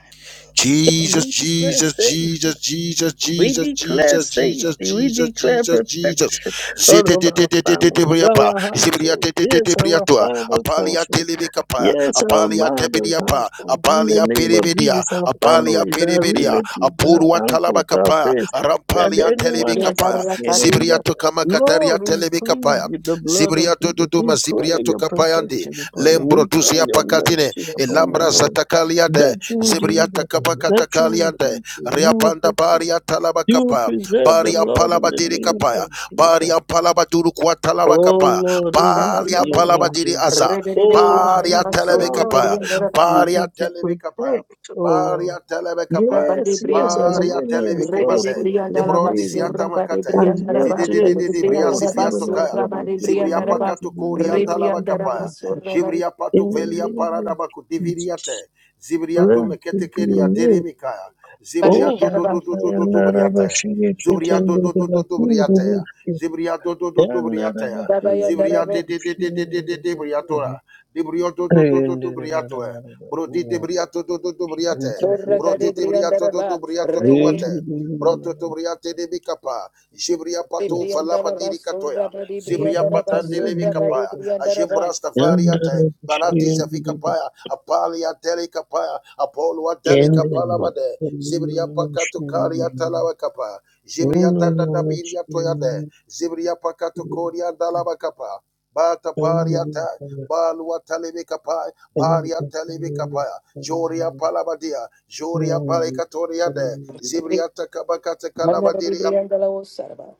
S2: Jesus,
S5: We declare
S2: Jesus,
S5: safety.
S2: Jesus, Jesus,
S5: We
S2: Jesus,
S5: declare
S2: Jesus, Jesus,
S5: safety. We
S2: Jesus,
S5: declare
S2: Jesus, Jesus.
S5: protection out of our families,
S2: Zedededededebriapa,
S5: our household, Yes, our
S2: zibriatedededebriatua,
S5: father's
S2: apalia
S5: household.
S2: telebekapa,
S5: Yes, our
S2: apalia
S5: mother,
S2: tebediapa,
S5: household. In the
S2: apalia
S5: name of
S2: peribedia,
S5: Jesus, our
S2: apalia
S5: families, our
S2: peribedia,
S5: relatives,
S2: apurua
S5: our uncles, our
S2: talabakapa,
S5: friends, and
S2: arampalia
S5: anyone
S2: telebekapa,
S5: associated with us.
S2: zibriatu kamakataria
S5: Lord, we plead
S2: telebekapa,
S5: with the blood of
S2: Zibria
S5: Jesus.
S2: dududuma
S5: We
S2: zibria
S5: pray your
S2: kapayandi.
S5: protection upon them.
S2: Lembro
S5: We pray
S2: tuzia
S5: your
S2: pakatine.
S5: mercy upon them,
S2: Elambra
S5: Lord.
S2: zatakaliade.
S5: That you will
S2: Zibria
S5: deliver them, that you will
S2: takapakatakaliande.
S5: keep them, you will,
S2: Riapanda
S5: pre-
S2: baria
S5: you will
S2: talabakapa.
S5: preserve them,
S2: Baria
S5: Lord, in the
S2: palabadiri
S5: name
S2: kapaya.
S5: of Jesus.
S2: Baria palabaduru kwa
S5: Oh
S2: talabakapa.
S5: Lord, release
S2: Baria
S5: your
S2: palabadiri
S5: angels.
S2: aza.
S5: Oh, to
S2: Baria
S5: be
S1: basura
S2: telebekapaya.
S5: charged, you
S2: Baria
S5: you to
S2: telebekapaya.
S5: protect, oh
S2: Baria telebekapaya.
S5: Yes, yes, as
S2: Baria
S5: many as follow
S2: telebekumaze.
S5: upon your
S2: Lebro
S5: name,
S2: diziata
S1: bari
S2: makate.
S1: bari
S5: and yet to
S2: Zididididi bria
S5: enforce
S2: zifiato
S5: even
S2: kaya.
S5: according to the
S2: Zibria
S5: word to
S2: pakato
S5: be
S2: korianta
S5: melted
S2: labakapa. Jibria pato
S5: in the
S2: velia
S5: name of
S2: paradabaku
S5: Jesus.
S2: diviriate. Zibria do
S5: Blessed be your
S2: meketekeria
S5: name.
S2: deremikaya. Zibria
S5: Oh,
S2: do do
S1: daraba
S2: do do do do do
S5: Rabakayana
S2: briataya.
S5: Rabashiri
S2: Zubria do do do do
S5: Kitendeva
S2: do
S5: Kuru
S2: briataya. Zibria do do do do
S5: Yandaraba
S2: briataya.
S1: baba
S2: Zibria
S1: yandara
S2: de de de de de de de de
S5: Kuyana
S2: briatora. Debrio do do do do
S5: Thank
S2: do briatoe. Bro di debriato do do do briate.
S1: Sorra
S2: Bro di
S1: gari
S2: debriato do do
S1: briandaraba,
S2: briato to
S1: rebere
S2: wate. Bro to to briate de bicapa. Jibria pato falapa
S1: briandaraba,
S2: diricatoya.
S1: sorra bari
S2: Zibria
S1: briandaraba,
S2: Patandelevi
S1: sorra bari
S2: Kapaya,
S1: briandaraba.
S2: Ajimbrasta Variate, Barati Zafikapaya, Apalia Delicapaya, Apolua Delicapalabade, Zibria Pakatukaria Talabakapa, Zibria Tatabiria Toyade, Zibria Pakatukoria Dalabakapa, Bata Bariata, Balua Talibikapaya, Baria Talibikapaya, Joria Palabadia, Joria Barekatoria de, Zibria Takabakata
S1: Mandari
S2: Calabadiri
S1: briandala osaraba,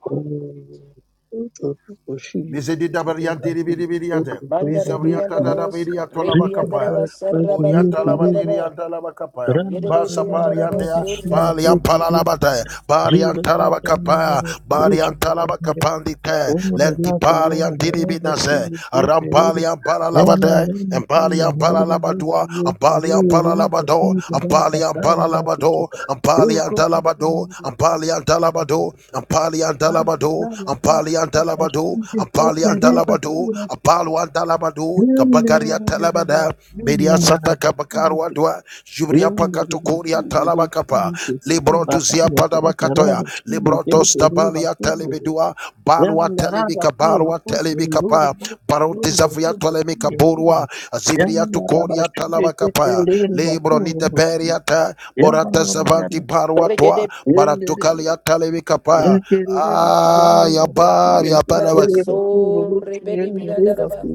S2: Mizedi dabariante ribiribiriate.
S1: mandari
S2: Bisabriata
S1: briandala
S5: you.
S2: da da biria
S1: osira,
S2: tolaba kapaya.
S1: rebriandaraba, sarra bari
S5: Rikakatakurikurudu,
S1: briandaraba,
S2: Buriantalabadiriantalabakapaya.
S1: yedere briandaraba,
S5: ramakayandarabashi,
S2: Basapariantea,
S1: sorra
S2: Baliampalabataya, Bariantalabakapaya,
S5: ribakatayandarabashi,
S2: Bariantalabakapandite,
S5: omararakayandarabashi, yandaramikuyandorurushi,
S2: Lentipariantiribinase, Arampaliampalalabade, and Baliampalalabadua, and Baliampalalabado, and Baliampalalabado, and Baliantalabado,
S5: rukukukurudu,
S2: and
S5: ramakayandarabashi,
S2: Baliantalabado, and Baliantalabado, and Baliantalabado, and
S5: ribakura,
S2: Baliantalabado, and Balian Talabado, Rabadu, Kabagaria Talabada, Bedia Sata
S5: yandararabashi,
S2: Kabakarwa Dua, Jubria
S5: Yandara
S2: Pakatokuria Talabakapa, Librotu Zia Padabakatoya, Librotos Tabalia Telebidua, Balwa Telebika Barwa Telebikapa, Barotizavia Tolemika Borwa, Zibria Tukoria Talabakapa, Libro Niteberiata, Borata Savanti Barwa Tua,
S1: regede
S2: Baratukalia Telebikapa, Ah, Yabar, Yabalabak.
S1: briandaraba, sorre bari briandaraba,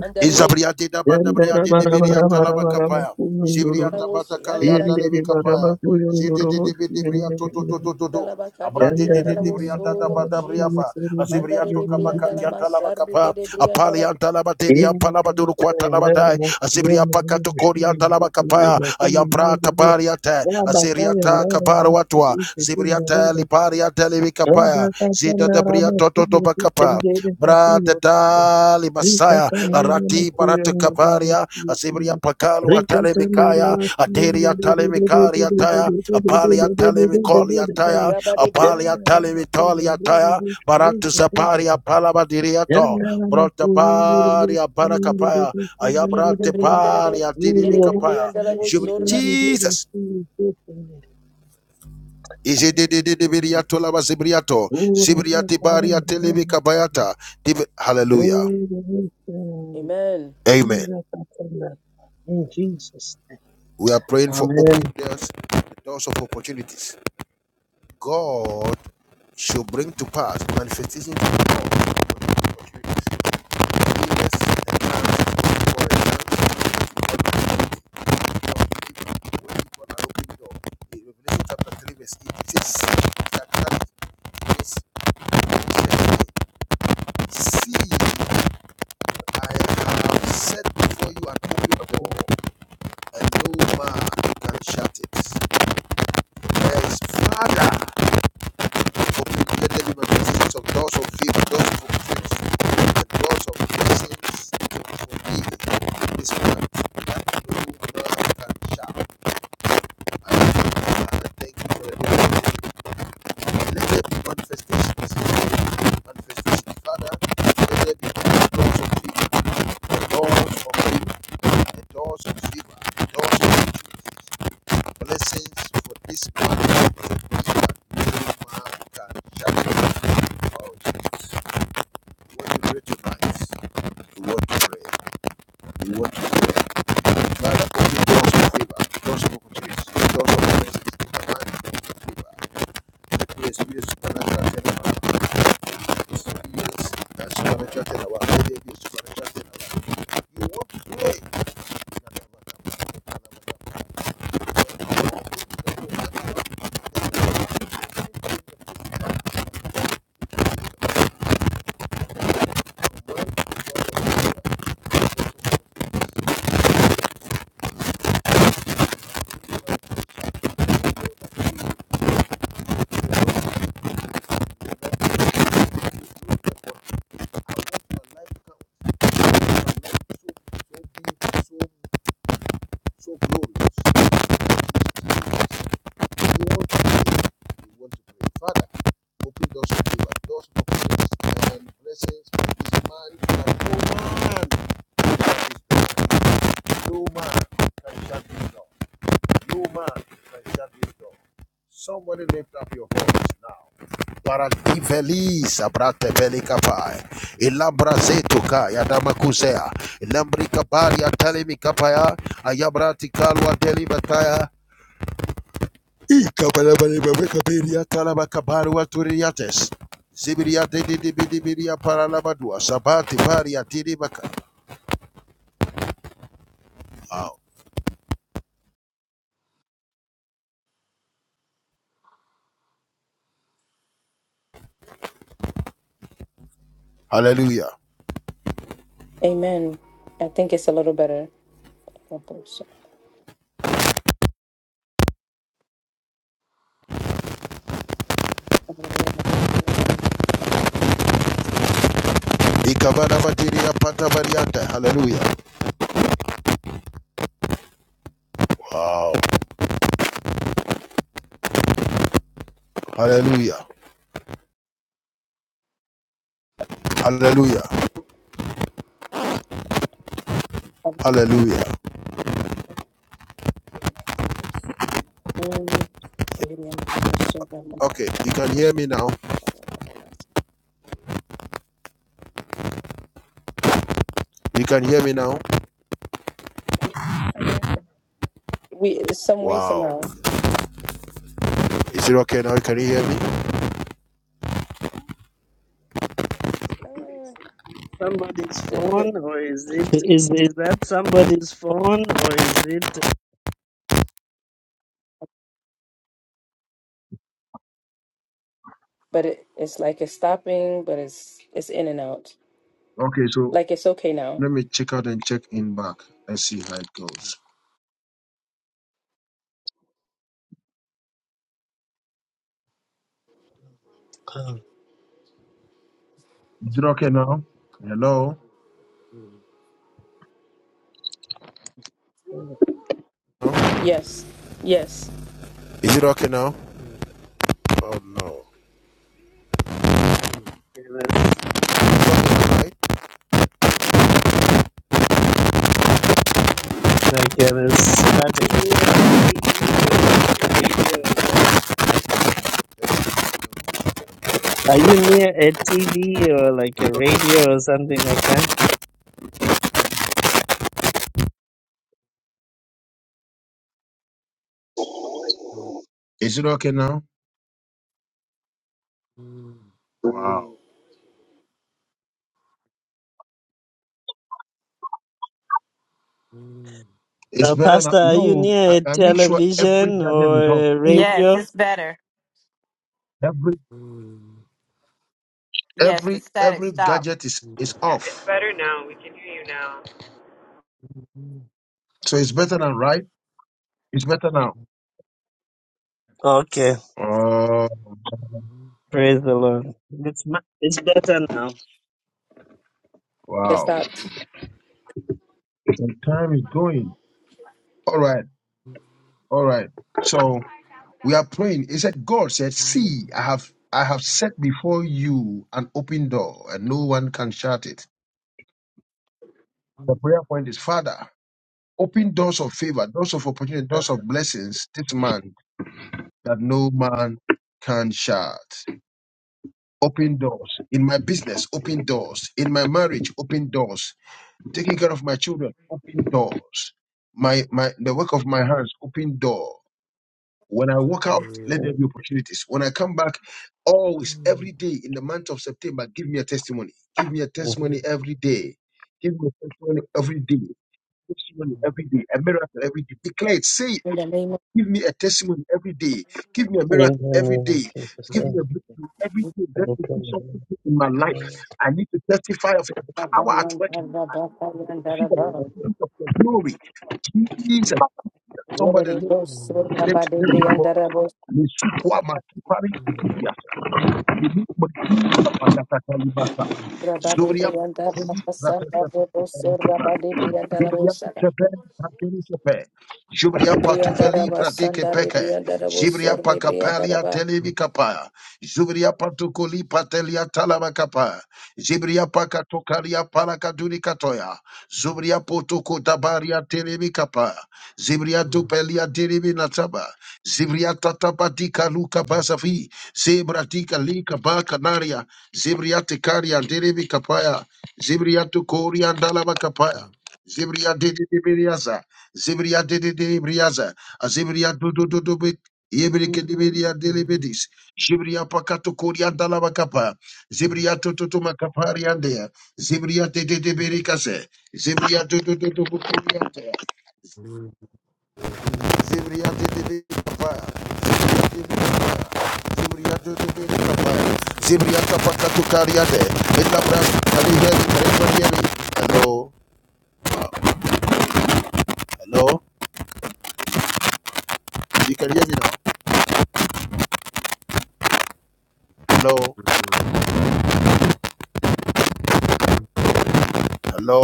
S1: andare de
S2: Izabriate da bata briate de
S5: bara bara
S2: biriata
S5: bara
S2: lama
S5: bara
S2: kapaya.
S5: bara
S2: Zibriata bata
S1: osi,
S2: kalea
S1: andara
S5: Yendere
S2: daleme
S5: baraba
S2: kapaya. Zede
S5: kuyunduru
S2: de de
S5: bosi
S2: de briato
S5: yendere
S2: to to to to to.
S1: dalaba, kade
S2: Abrate de
S5: yandara
S2: de
S1: briandala
S2: de
S5: baraba
S2: da
S1: oso,
S2: bata
S5: baraba
S1: Jesus.
S5: kuyunduru bosi
S1: Mandare
S2: Azibriato
S1: briandala
S5: yendere
S2: kabakatiata lama
S1: masarri,
S2: kapa.
S1: gede briandala
S2: Apalianta lama teria
S5: yendere
S2: palama duru quata
S5: makayandara bakuyunduru bosi
S2: corianta
S5: yendere
S2: lama kapaya. Ayambrata
S5: bakuyunduru
S2: bariate.
S5: yaba
S2: Aziriata
S5: kayandara bosi
S2: kabaruatua. Zibriata
S5: yendere
S2: liparia deleme
S5: yaba
S2: kapaya. Zida de
S5: kayandara bosi
S2: to to bakapa.
S5: yendere
S2: Brada
S5: bakuyunduru
S2: Dali
S5: Oh,
S2: Messiah, Arati Barata Kaparia, Asibria Pakalu Atalemikaya, Ateria Talemikaria Taya, Apalia Talemikolia Taya,
S1: Rabadi bri-
S2: Apalia Talemitolia Taya, Baratu Zaparia Palabadiria To, Brota Paria Barakapaya,
S1: rikidi
S2: Ayabrate
S1: brianderebe,
S2: Paria
S1: yerede
S2: Diribikapaya,
S1: brianderebo
S2: Jubri
S1: sorra.
S2: Jesus. Ije de de de de Izididididibiriato zibriato zibriati baria telebikabayata. Dibi- Hallelujah.
S5: the Lord,
S1: Amen.
S2: Amen.
S5: in Jesus'
S2: We are praying for open
S5: Amen.
S2: doors, the doors of opportunities. God should bring to pass manifestation in Revelation chapter 3, verse 8. It says, See, I have set before you an open door, and no man can shut it. Yes, Father, For Open greater dimensions of doors of favor, doors of fulfillment, and doors of blessings for me in this month. That no man can shout. I thank you, for everything. Let there be manifestations. Manifestations, Father. Let there be doors of favor, doors of favor, and doors of favor, doors of blessings for this month. This month, no man can shout. Oh, Jesus. When you recognize what to pray, you want to pray. Father, open doors of favor, doors of opportunities, doors of blessings, abundant doors of favor. Yes, we use supernatural turnaround. Yes, that supernatural turnaround. Oh, there is supernatural turnaround. You want your life to come so big, so, so glorious. You want to pray. You want to pray. Father, open doors of favor, doors of opportunities, and blessings for this man and for woman. No man can shut this door. No man can shut this door. Somebody lift up your voice now. Paradivelis abrate belika pai. Ilabra zetuka yadama kusea. Ilambri kapari atale mikapaya. Ayabrati kalwa deli bataya. Ikabalabalaba wekaberia talaba kabaru waturiates. Zibiria didi dibidi biria paralabadua. Sabati paria tiribaka. Hallelujah.
S1: Amen. I think it's a little better.
S2: Ikabana batiria pata bariata. Hallelujah. Hallelujah. Hallelujah. Hallelujah. Okay, you can hear me now. You can hear me now.
S1: We some way
S2: Wow.
S1: somehow,
S2: Is it okay now? Can you hear me?
S1: Uh, it- it-
S2: Or is it?
S5: Is is that somebody's phone or is it
S1: but it, it's like it's stopping, but it's it's in and out.
S2: Okay, so
S1: Like it's okay now.
S2: let me check out and check in back and see how it goes.
S5: oh,
S2: Is it okay now? Hello?
S1: Yes, yes,
S2: Is it okay now? Oh no. Right?
S5: like uh, static?
S3: da
S5: Are you near a TV or like a radio or something like that?
S3: ba
S2: Is it okay now?
S3: da ba da.
S2: It's
S5: Uh,
S2: better now.
S5: Pastor, are you
S2: No, I,
S5: near a
S2: I make sure every
S5: television
S2: gadget is
S5: or
S2: off.
S5: a
S6: Yes,
S5: radio?
S6: it's better.
S2: Every
S6: Yes, the
S2: every
S6: static
S2: every
S6: stop.
S2: gadget is is
S7: Yeah, it's
S2: off.
S7: better now. We can hear you now.
S2: So it's better now, right? It's better now.
S5: Okay,
S2: Oh,
S5: praise the Lord. It's mu- it's better now.
S1: it
S2: Wow.
S1: stopped.
S2: The time is going. All right. All right. So we are praying. He said, God said, see, I have I have set before you an open door and no one can shut it. The prayer point is, Father, open doors of favor, doors of opportunity, doors of blessings this man that no man can shut. Open doors. In my business, open doors. In my marriage, open doors. Taking care of my children, open doors. My my the work of my hands, open door.'" When I walk out, let there
S5: Mm,
S2: be opportunities. When I come back, always, every day in the month of September, give me a testimony. Give me a
S5: mm.
S2: testimony every day. Give me a testimony every day. Testimony every day. A miracle every day. Declare it. Say it.
S1: In the name
S2: Give me a testimony every day. Give me a
S5: In the
S2: miracle every
S5: name of
S2: day.
S5: Jesus.
S2: Give me
S5: eh,
S2: a breakthrough every day. Let me do something good in my life. I need to testify of the power at work in me. life. See the
S1: of
S2: manifestation of your glory. Jesus, somebody
S1: Yere
S2: lift,
S1: bosur
S2: lift,
S1: rabadi
S2: lift your voice.
S1: brianda la bosura
S2: Lesukwa makipari kusikiasa. Lulu maki kapatakata libasa. Zuria
S1: brianda la
S2: pakubeni
S1: basanda
S2: zatesa
S1: rabadi brianda la
S2: Jibria
S1: bosada.
S2: Tepe, Patini Tepe, Jibria
S1: Re brianda la
S2: Patuveli Pratike
S1: basanda re
S2: Peke, Jibria Pakapelia Televi Kapaya, Jibria Patukuli Patelia Talaba Kapaya, Jibria Pakatokaria Parakaduri Katoya, Zubria Potuko Dabaria Televi Kapaya, Zibria Dupelia Dirivi Nataba, Zibria Tatabatika Luka Basafi, Zebratika Lika Bakanaria, Zibria Tekaria Dirivi Kapaya, Zibria Tukoria Dalaba Kapaya, Zibria de de de Beriaza, Zibria de de de Briaza, Azibria do do do do bit, Yebrike de Beria de Libidis, Zibria Pacato Coria da la Bacapa, Zibria to to to Macapariandea, Zibria de de de Bericase, Zibria do do do do Bucuriante, Zibria de de de Capa, Zibria de Bericapa, Zibria do do de Capa, Zibria Capacato Cariade, Elabra, Calihere, Hello, hello, you can hear me now. Hello. Hello.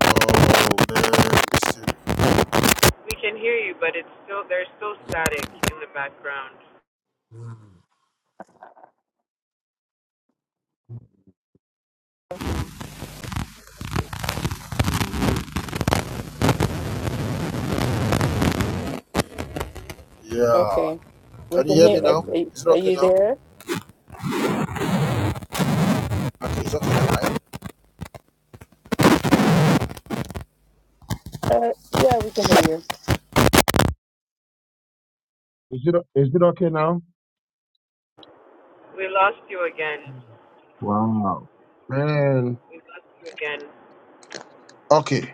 S2: Oh man, listen.
S7: We can hear you, but it's still there's still static in the background.
S3: Mm-hmm.
S2: Yeah.
S1: Okay, we
S2: Can you
S1: can
S2: hear
S1: hear.
S2: me
S1: uh,
S2: now?
S1: uh,
S2: Is it
S1: Are
S2: okay
S1: you
S2: now?
S1: there?
S2: Okay, it's okay now, right?
S1: Uh, yeah, we can hear you.
S2: Is it is it okay now?
S7: We lost you again.
S2: Wow. Man.
S7: We lost you again.
S2: Okay.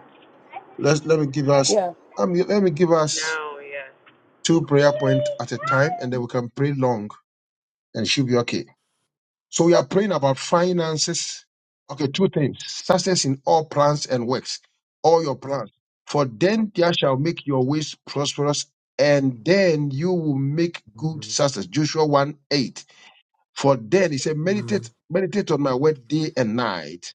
S2: Let's let me give us
S1: Yeah.
S2: um, let me give us
S7: Now, yes.
S2: two prayer points at a time and then we can pray long and it should be okay. So we are praying about finances. Okay, two things. Success in all plans and works, all your plans. For then there shall make your ways prosperous, and then you will make good success. Joshua 1 8. For then he said, Meditate, meditate on my word day and night.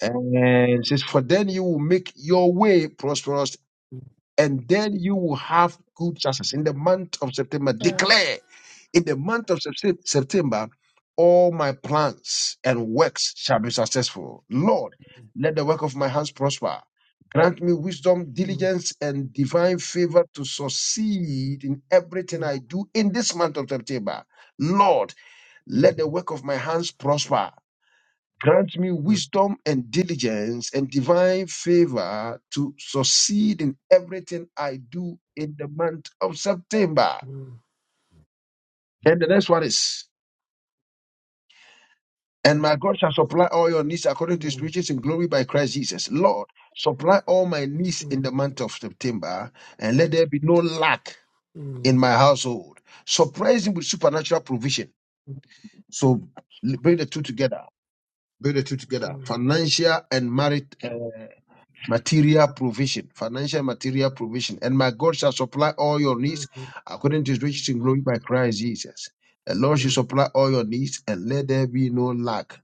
S2: And it says, For then you will make your way prosperous and then you will have good success in the month of September. Declare in the month of Sep- September, all my plans and works shall be successful. Lord, let the work of my hands prosper. Grant me wisdom, diligence, and divine favor to succeed in everything I do in this month of September. Lord, let the work of my hands prosper. Grant me wisdom and diligence and divine favor to succeed in everything I do in the month of September. And the next one is, and my God shall supply all your needs according to his riches in glory by Christ Jesus. Lord, supply all my needs in the month of September, and let there be no lack in my household. Surprise him with supernatural provision. So bring the two together. Bring the two together. Financial and marriage material provision, financial material provision. And my God shall supply all your needs according to his riches in glory by Christ Jesus. The Lord shall supply all your needs and let there be no lack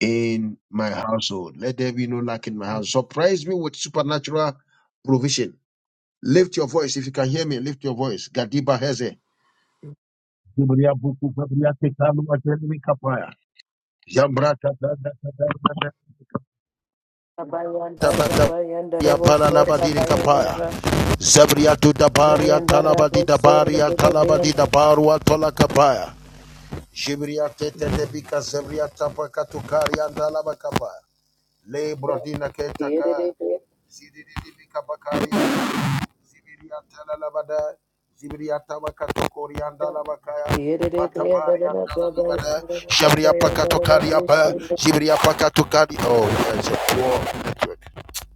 S2: in my household. Let there be no lack in my house. Surprise me with supernatural provision. Lift your voice. If you can hear me, lift your voice. Gadiba Heze. Zibria buku babria tekalu atelemi kapaya. Yambra tatata.
S1: Rabayanda rabayanda la rabayanda la
S2: Zabria tudabaria
S1: Ibrayanda
S2: tala
S1: la bosur brianda la
S2: brodina ketaka. Zidididibikabakaria. Zibriata Zibriyatalabada, Zibriyatabakoriaya,
S1: Yere brianda la ba ba yanda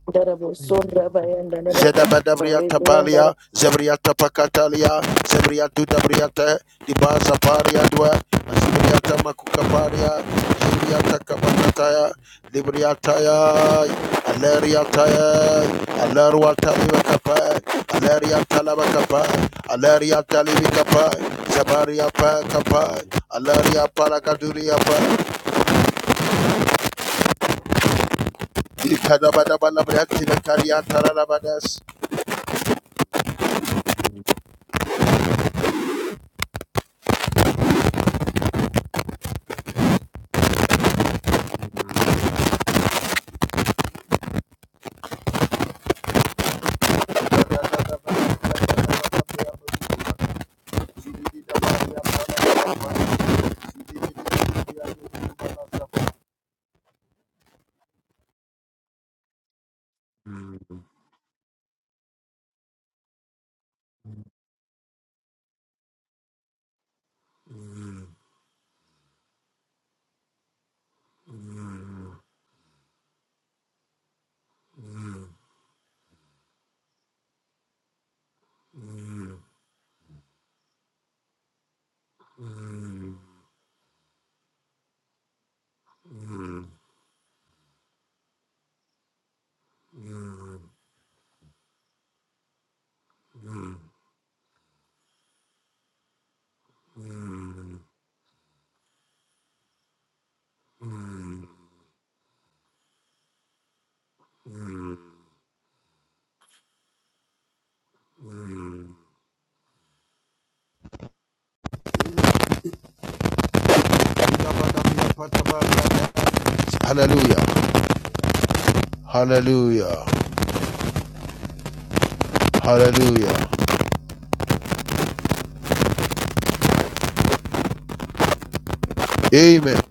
S1: Darabo Sora by and Dana Rebriandara
S2: Matedabadabriatapalia, Zebriatapakatalia, Zebriatudabriate, Dibazaparia dua, Zibriatamakukaparia, Zibriatakapanataya, Libriataya, Aleriataya, Aleruatalivakapa, Aleriatalabakapa, Aleriatalivakapa, Zabariapa kapa, Aleria palakaduria Hallelujah. Hallelujah. Hallelujah. Amen.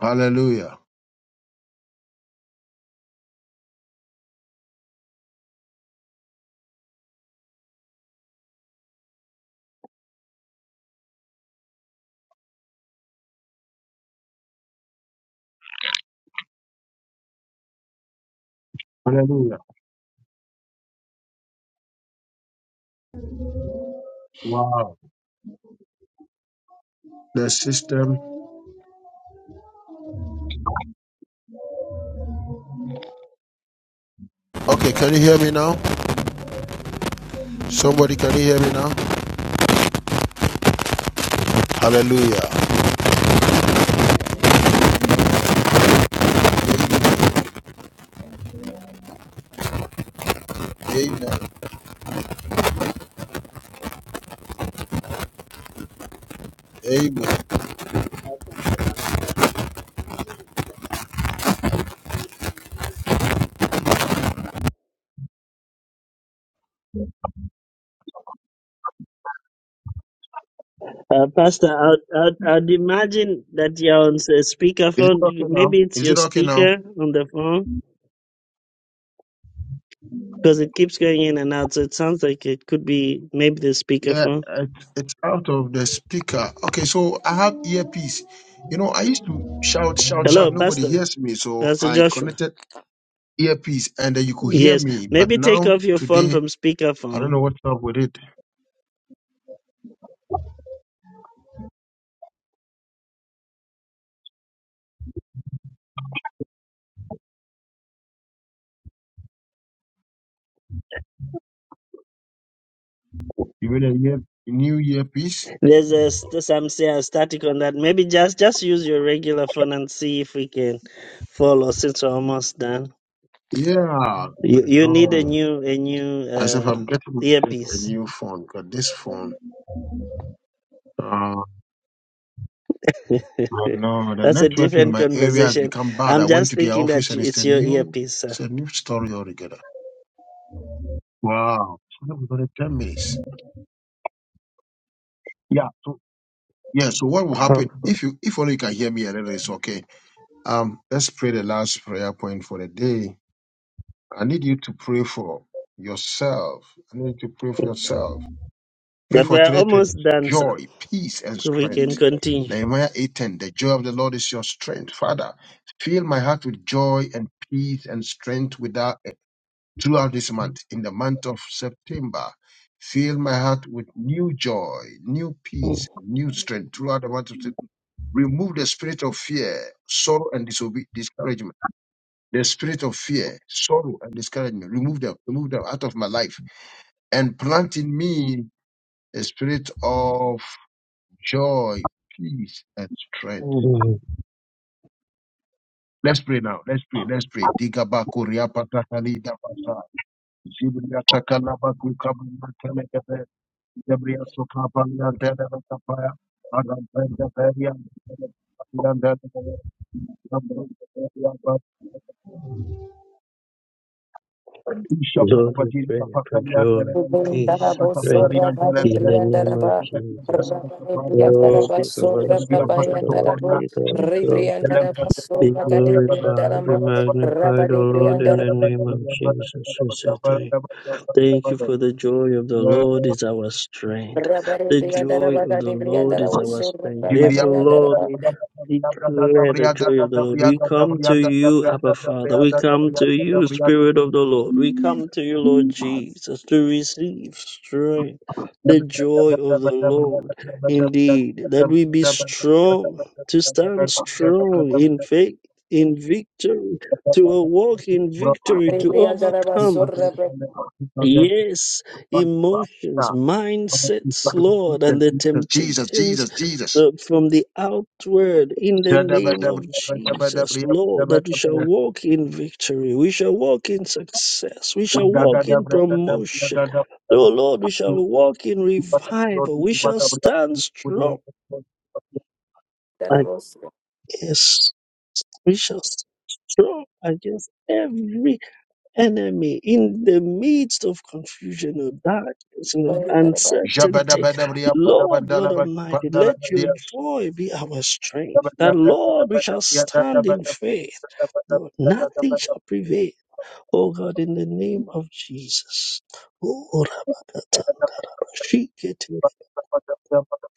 S2: Hallelujah. Hallelujah. Wow. The system. Okay, can you hear me now? Somebody can you hear me now? Hallelujah. Amen. Amen. Amen.
S5: Uh, Pastor, I'd, I'd, I'd imagine that you're on a
S2: Is it
S5: speakerphone.
S2: okay
S5: You-
S2: now?
S5: Maybe it's
S2: Is it
S5: your
S2: okay now?
S5: speaker on the phone because it keeps going in and out. So it sounds like it could be maybe the
S2: Yeah,
S5: speakerphone.
S2: it, it's out of the speaker. Okay, so I have earpiece. You know, I used to shout, shout, shout.
S5: Hello,
S2: Nobody
S5: Pastor.
S2: hears me, so
S5: Pastor
S2: I
S5: Joshua.
S2: connected earpiece, and then you could hear
S5: Yes,
S2: me. But
S5: maybe take
S2: now
S5: off your phone
S2: today,
S5: from
S2: I don't
S5: speakerphone.
S2: know what's up with it. You mean a ear, new earpiece?
S5: There's a, st- some say a static on that. Maybe just just use your regular phone and see if we can follow since we're almost done.
S2: Yeah, I
S5: You you need a
S2: know.
S5: new a new
S2: As if
S5: uh,
S2: I'm getting myself a
S5: earpiece.
S2: new phone, because this phone, uh, I know the
S5: That's a
S2: network in
S5: different
S2: my area has
S5: conversation.
S2: become bad.
S5: I'm
S2: I went
S5: just
S2: to their
S5: thinking
S2: office
S5: that
S2: and it's
S5: it's
S2: a
S5: your
S2: new,
S5: earpiece, sir.
S2: it's a new story altogether. Wow, so that was only ten minutes. Yeah. So yeah. So what will
S5: Um,
S2: happen if you, if only you can hear me a little, it's okay. Um, let's pray the last prayer point for the day. I need you to pray for yourself. I need you to pray for yourself. Pray
S5: But
S2: for
S5: we're
S2: three things
S5: almost done, sir.
S2: joy, peace, and
S5: So we can
S2: strength.
S5: continue.
S2: Nehemiah 8:10, the joy of the Lord is your strength. Father, fill my heart with joy and peace and strength without, throughout this month, in the month of September. Fill my heart with new joy, new
S5: Mm.
S2: peace, new strength throughout the month of September remove the spirit of fear, sorrow, and disobe- discouragement. The spirit of fear, sorrow, and discouragement. Remove them, remove them out of my life, and plant in me a spirit of joy, peace, and strength.
S5: Lord,
S2: Let's pray now. Let's pray. Let's pray. Digabaku riapatakali dabasa. Zibriatakalabaku kabanatelekebe. Zebriato kapaliantelekebe. Adantelekebe. Adantelekebe. Adantelekebe.
S5: we pray for joy,
S2: Ishapatabajirikapakaliatelekebe.
S5: peace,
S1: Darabo
S5: strength
S1: Sora Hadi
S5: in the name of
S1: Briandaraba
S5: Jesus.
S2: Ishapatabajirikapakaliatelekebe.
S5: Oh,
S1: Rebriandaraba
S5: be thou
S1: Sora
S2: Shemaria
S1: by
S5: exalted,
S1: and
S2: Protocol,
S5: oh,
S1: Darabo
S5: be thou
S2: Jesus.
S5: exalted.
S2: Elebra
S1: Rebriandaraba
S5: Be
S1: Sora
S2: Tekoria,
S1: Gadi
S2: Badabada,
S5: glorified, be
S1: Briandarama
S2: Badabada,
S5: magnified, O
S1: Rabadi
S5: Lord,
S2: Shabaria
S5: in
S1: Briandara
S5: the name of
S2: Badabada,
S5: Jesus. We
S2: Badabada,
S5: say thank you.
S2: Badabada,
S5: Thank you
S2: Badabada,
S5: for the joy of the Lord is our strength.
S1: Rabadi
S5: The joy
S1: Briandaraba
S5: of the
S1: Gadi
S5: Lord is
S1: Briandara
S5: our
S1: Sora
S5: strength.
S2: Jibria
S1: by
S5: Therefore,
S1: and
S2: Pata,
S5: Lord, we declare the
S2: Dabria, Dabria,
S5: joy of the Lord.
S2: Dabria,
S5: We come to you,
S2: Dabria,
S5: Abba
S2: Dabria,
S5: Father.
S2: Dabria,
S5: We
S2: Dabria,
S5: come to you,
S2: Dabria,
S5: Spirit of the Lord. We come to you, Lord Jesus, to receive strength. The joy of the Lord. Indeed, that we be strong, to stand strong
S2: Jesus.
S5: in faith, in victory, to walk in victory, to overcome
S2: Jesus,
S5: Yes, emotions, mindsets, Lord, and the temptations
S2: Jesus, Jesus.
S5: uh, from the outward in the name of Jesus, Lord, that we shall walk in victory, we shall walk in success, we shall walk in promotion. Oh Lord, we shall walk in revival, we shall stand strong
S1: Daraba
S5: against, we shall stand strong against every enemy in the midst of confusion or darkness and of
S1: Rabba
S5: uncertainty. Lord God Almighty, let your joy be our strength. That Lord, we shall stand in faith. Lord, nothing shall prevail. Oh God, in the name of Jesus. Oh, Rabakata, Shikete,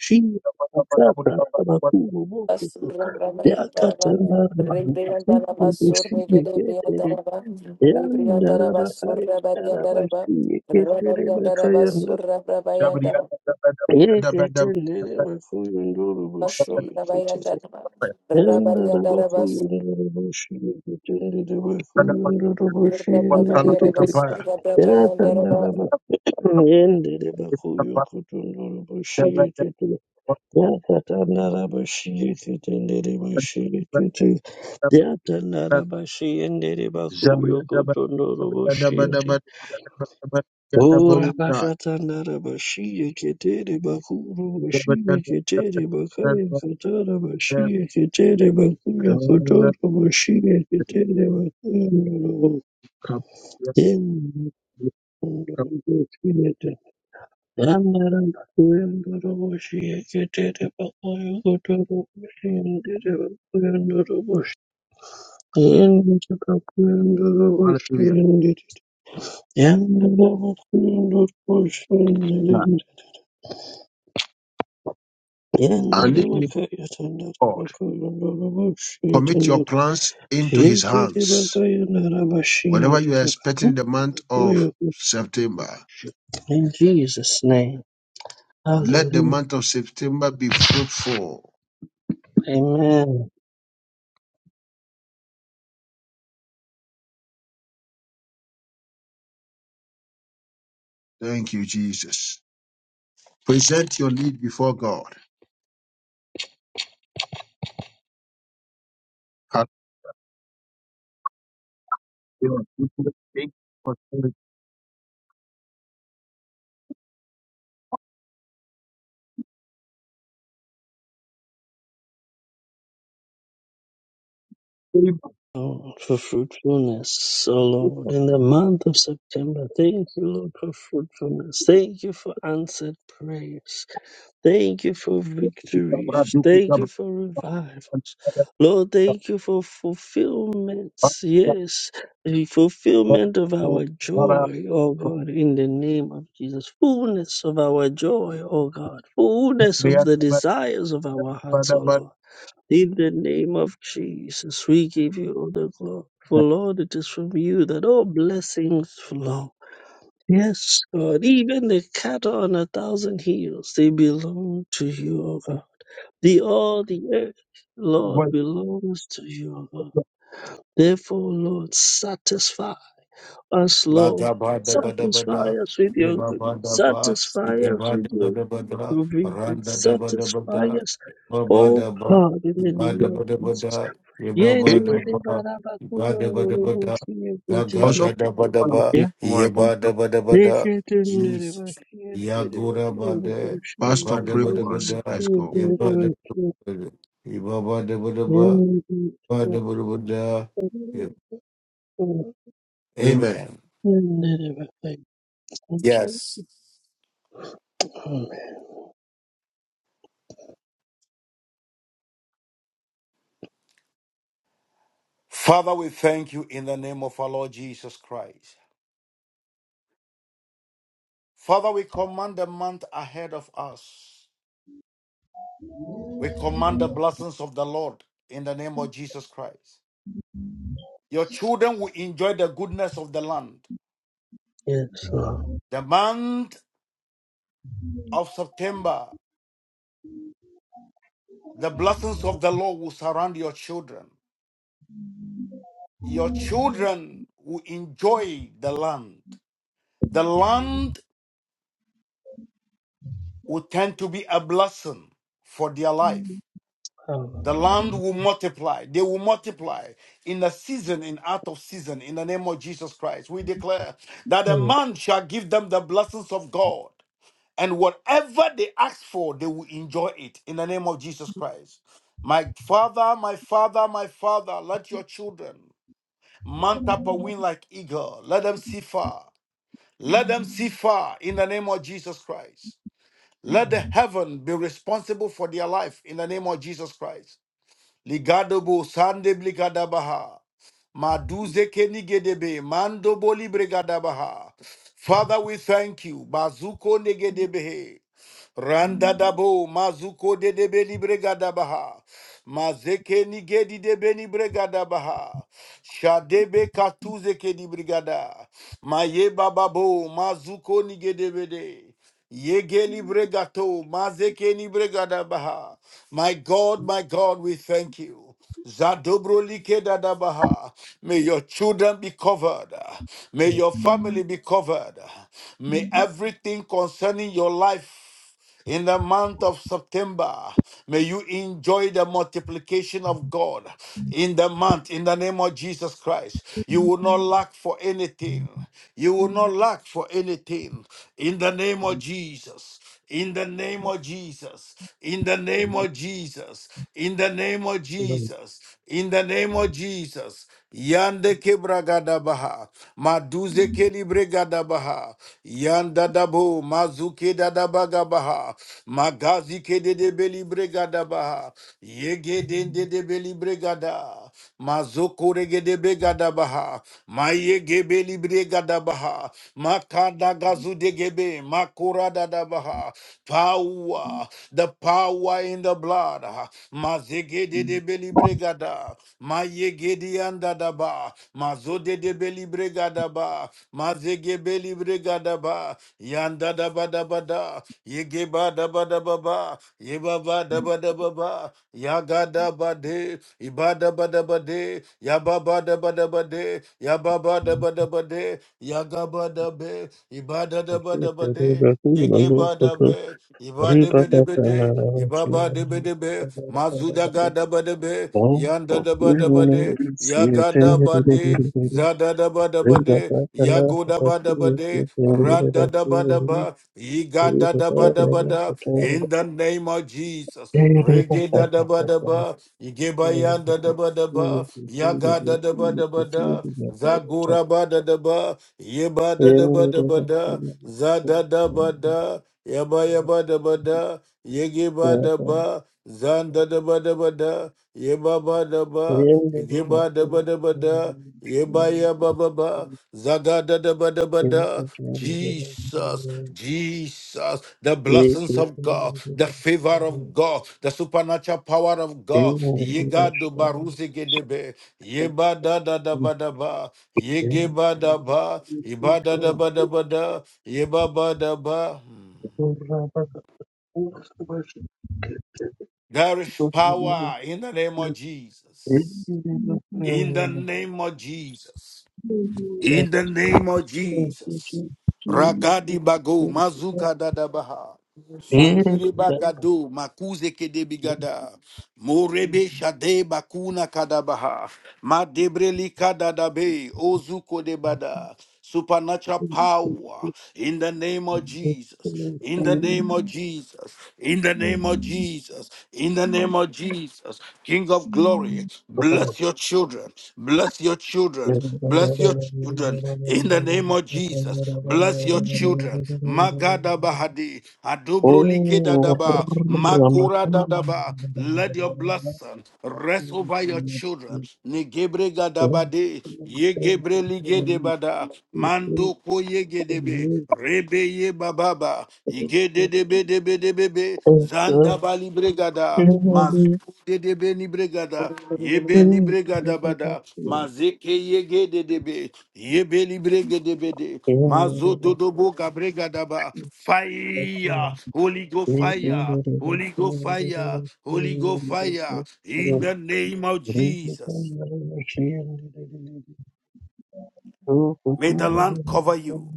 S5: Shikete, Akata, Rabakubo, Bokuto,
S1: Rabariandarabas,
S5: Yakata, Rabakubo, Shikete,
S2: Hallelujah.
S5: Yatandara bashi endere bakuyo kotondoro boshi O Rabakatandara Bashia Ketere Bakuru Bashia Ketere Bakaya Katara Bashia Ketere Bakuya Kotoro Bashia Ketere Bakuya Ndoro Yen Kundara Bashia Andara Bakuya Ndoro Bashia Ketere Bakuya Kotoro Bashia Ndere Bakuya Ndoro Bashia Yen Bakuya Ndoro
S2: I
S5: Bashia Ndere Yandara Bakuya Ndoro Bashia In
S2: leave you, God. Commit your plans into his hands. Whatever you are expecting in the month of September,
S5: Jesus' name,
S2: Let the
S5: hallelujah,
S2: month of September be fruitful.
S5: amen.
S2: Thank you, Jesus. Present your need before God.
S5: Lord, for fruitfulness, oh Lord, in the month of September. Thank you, Lord, for fruitfulness. Thank you for answered prayers. Thank you for victories. Thank you for revivals. Lord, thank you for fulfillments. Yes, the fulfillment of our joy, oh God, in the name of Jesus. Fullness of our joy, oh God. Fullness of the desires of our hearts, oh Lord. In the name of Jesus, we give you all the glory. For Lord, it is from you that all blessings flow. Yes, God, even the cattle on a thousand hills, they belong to you, O God. The all the earth, Lord, belongs to you, O God. Therefore, Lord, satisfy us, Lord.
S3: Baga bada bada
S5: Satisfy
S3: bada,
S5: us with your
S3: riba
S5: goodness.
S3: bada ba,
S5: Satisfy
S3: ige
S5: us
S3: bada
S5: with your
S3: bada bada,
S5: provision.
S3: randa da bada
S5: Satisfy
S3: bada,
S5: us,
S3: iba
S5: oh
S3: bada ba,
S5: God, in the
S3: iba da
S5: name of
S3: bada
S5: Jesus.
S3: bada, iba bada
S2: Amen.
S3: ba, iba da bada bada, gaga da
S2: Also,
S3: da bada ba,
S5: Yeah,
S3: ye da bada bada, Jesus, ya gora bada,
S2: Pastor,
S3: iba da
S2: pray
S3: bada
S2: for us.
S3: bada,
S2: Let's go.
S3: ye da, bada,
S5: Yakeketenerebashiyederebakuyondoroboshiyeketerebakuyondoroboshiyeketere.
S3: iba bada bada ba, ba da bada bada,
S2: Amen.
S3: amen. Yes.
S5: Yenderebarabakuyondoroboshiyeketere.
S3: Father, we thank you in the name of our Lord Jesus Christ. Father, we command the month ahead of us. We command the blessings of the Lord in the name of Jesus Christ. Your children will enjoy the goodness of the land.
S5: Yes, Lord.
S3: The month of September, the blessings of the Lord will surround your children. Your children will enjoy the land. The land will tend to be a blessing for their life. The
S5: Hallelujah.
S3: land will multiply. They will multiply in the season and out of season in the name of Jesus Christ. We declare that a man shall give them the blessings of God. And whatever they ask for, they will enjoy it in the name of Jesus Christ. My father, my father, my father, let your children mount up a wing like eagle. Let them see far. Let them see far in the name of Jesus Christ. Let the heaven be responsible for their life in the name of Jesus Christ. Ligadobo sande bligadabaha. Maduze kenigedebe mandobo libregadabaha. Father, we thank you. Bazuko negedebehe. Randadabo mazuko dedebe libregadabaha. Mazeke nigedi debe libregadabaha. Shadebe katuze kedibrigada. Maye bababo mazuko nigedebede. Yege libregato mazeke libregadabaha. My God, my God, we thank you. Zadobro like dadabaha. May your children be covered. May your family be covered. May everything concerning your life in the month of September, may you enjoy the multiplication of God in the month, in the name of Jesus Christ. You will not lack for anything. You will not lack for anything in the name of Jesus in the name of Jesus, in the name of Jesus, in the name of
S5: Thank you.
S3: Jesus, in the name of Jesus. Yande kebragadabaha, maduze kelibregadabaha, yanda dabo, mazuke dadabagabaha, magazi kededebelibregadabaha, yegedendedebelibregada, mazoko regedebegadabaha, mayegebelibregadabaha, makadagazu degebe, makoradadabaha, Power, the power in the blood. Mazegede de belibregada. Mayegede andadaba. Mazode de belibregadaba. Mazege belibregadaba. Yanda da ba da ba da. Yegeba da ba da ba ba. Yebaba da ba da ba ba. Yaga da ba de. Iba da ba da ba de. Yababa da ba da ba de. Yababa da ba da ba de. Yagaba da be. Iba da da ba da ba de. Yegeba da be. Iba debe debe de, iba ba debe debe, mazuda ga daba debe, yanda daba daba de, ya ga daba de, zada daba daba de, ya go daba daba de, rada daba daba, iga da daba daba da, in the name of Jesus, rege da daba daba, igeba yanda daba daba, ya ga da daba daba da, zagura ba da daba, yeba da daba daba da, zada daba da, Yaba yaba da ba da, yege ba da ba, zanda da ba da ba da, yeba ba da
S5: Thank
S3: ba, yege ba da ba da ba da, yeba yaba ba ba, zaga da da ba da ba da. Jesus, Jesus, the blessings of God, the favor of God, the supernatural power of God. Yega do baruze gedebe, yeba da da da ba da ba, yege ba da ba, yeba da da ba da ba da, yeba ba da ba. There is power in the name of Jesus. In the name of Jesus. In the name of Jesus. Ragadi bago, mazuka dadabaha. Makire bagado, makuze kedebigada. Morebe shade bakuna kadabaha. Madebreli kadadabe, ozuko debada. Supernatural power in the name of Jesus. In the name of Jesus. In the name of Jesus. In the name of Jesus. King of glory,
S5: you.
S3: bless your children. Bless your children.
S5: Oh,
S3: Bless your children. In the name of Jesus. Bless your children. Magada Bahadi. Adubro Likeda Daba. Makura Dadaba. Let your blessing rest over your children. Negebre Gadabade. Yegebre Ligedebada. Mando Koyegedebe. Rebe ye bababa. Gedebedebedebebe, Zanda Bali Bregada, Mazuku Dedebe Nibregada, Yebe Nibregada Bada, Mazeke Yege Dedebe, Yebe Nibregedebede, Mazo Dodobo Gabregadaba, Fire, Holy Go Fire, Holy Go Fire, Holy Go Fire, in the name of Jesus.
S5: Yes, yes,
S3: May the land cover you.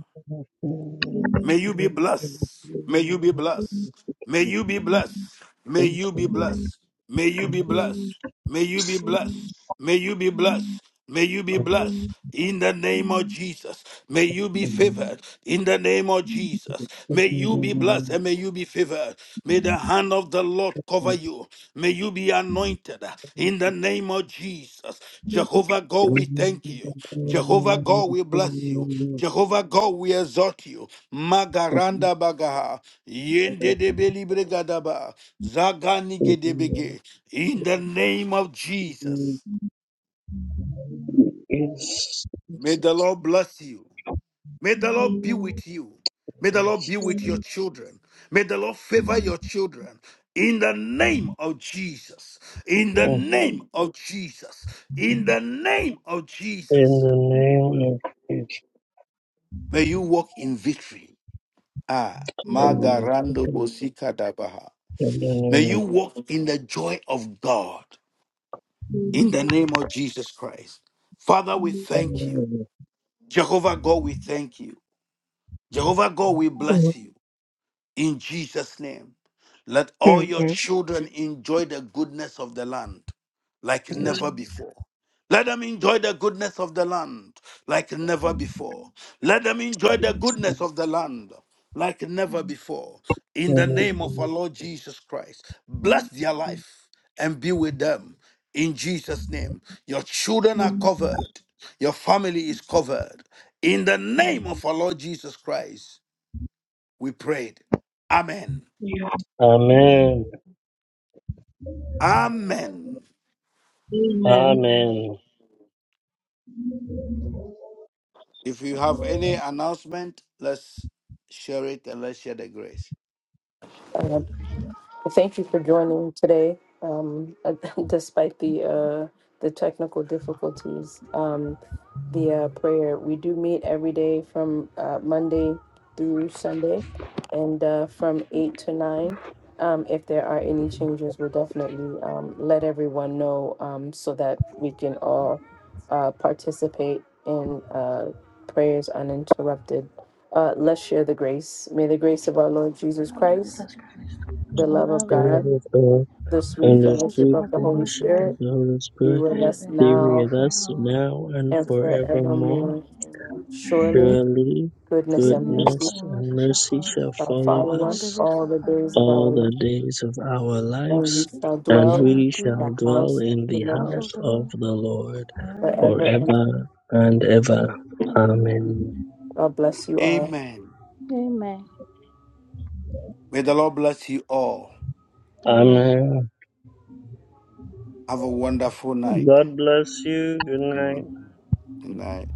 S3: May you be blessed. May you be blessed. May you be blessed. May you be blessed. May you be blessed. May you be blessed. May you be blessed. May you be blessed. In the name of Jesus, may you be favored. In the name of Jesus, may you be blessed and may you be favored. May the hand of the Lord cover you. May you be anointed uh, in the name of Jesus. Jehovah God, we thank you. Jehovah God, we bless you. Jehovah God, we exalt you. Magaranda bagaha. Yende gadaba. Zagani gedebege. In the name of Jesus. May
S5: yes.
S3: the Lord bless you. May the Lord be with you. May the Lord be with your children. May the Lord favor your children. In the name of Jesus. In the
S5: Oh,
S3: name of Jesus. In the name of
S5: In
S3: Jesus.
S5: the name of Jesus,
S3: May you walk in victory. Ah,
S5: in
S3: Magarando Bosika Dabaha.
S5: the
S3: May
S5: name
S3: you walk in the joy of God. In the name of Jesus Christ. Father, we
S5: of
S3: thank you. Jehovah God, we thank you. Jehovah God, we bless you. in Jesus' name. Let all your
S5: Jesus.
S3: children enjoy the goodness of the land like
S5: Yes.
S3: never before. Let them enjoy the goodness of the land like never before. Let them enjoy the goodness of the land like never before. In the name of our
S5: Amen.
S3: Lord Jesus Christ, bless their life and be with them in Jesus' name. Your children are covered, your family is covered. In the name of our Lord Jesus Christ. We prayed. Amen. Amen.
S8: Amen.
S5: Amen.
S3: If you have any announcement, let's share it and let's share the grace.
S1: Thank you for joining today, um, despite the uh, the technical difficulties. Um, the uh, prayer we do meet every day from uh, Monday through Sunday, and uh, from eight to nine. Um, if there are any changes, we'll definitely um, let everyone know um, so that we can all uh, participate in uh, prayers uninterrupted. Uh, let's share the grace. May the grace of our Lord Jesus
S9: Our Lord
S1: Christ,
S9: Jesus Christ,
S1: the
S9: the
S1: love of
S9: love
S5: The
S9: of
S1: God
S5: love
S9: God,
S5: of God,
S1: the sweet
S9: sweet
S5: and the
S9: fellowship
S1: fellowship
S5: sweet
S1: of
S9: of
S1: the
S9: the
S1: Holy
S9: Holy
S5: fellowship of
S9: Spirit,
S1: Spirit
S5: the Holy
S1: be
S5: Spirit
S9: be
S1: with us
S9: with us
S5: be
S9: now
S1: now
S5: with
S9: and
S5: us
S9: forevermore.
S5: now and
S1: and
S5: forevermore.
S1: forevermore. Amen.
S9: Amen.
S1: Surely,
S5: Surely
S1: goodness and
S9: Goodness
S1: mercy
S5: goodness
S9: and mercy
S5: and
S9: shall
S5: mercy
S9: follow
S5: shall
S9: us
S1: shall
S5: follow
S1: follow
S9: all
S1: us
S9: the
S5: us
S9: days
S1: all
S9: of
S1: the days
S9: our
S1: of
S9: life,
S1: our
S5: all the
S1: life,
S5: days of our
S1: and we
S5: lives,
S1: shall
S9: and we
S5: and
S1: dwell
S9: shall
S5: we
S9: dwell in
S1: in
S5: shall
S1: the
S9: the
S5: dwell
S1: house of
S5: in
S1: the
S5: the
S9: house
S1: Lord
S5: house
S9: of the
S5: of
S9: Lord
S5: the Lord
S9: forever
S1: forever.
S9: and
S1: And
S9: ever.
S5: forever and ever.
S9: Amen.
S5: Amen.
S1: God bless you all.
S3: Amen.
S9: Amen.
S3: May the Lord bless you all.
S9: Amen.
S5: Amen.
S3: Have a wonderful night.
S5: God bless you. Good night.
S3: Mm. Good night.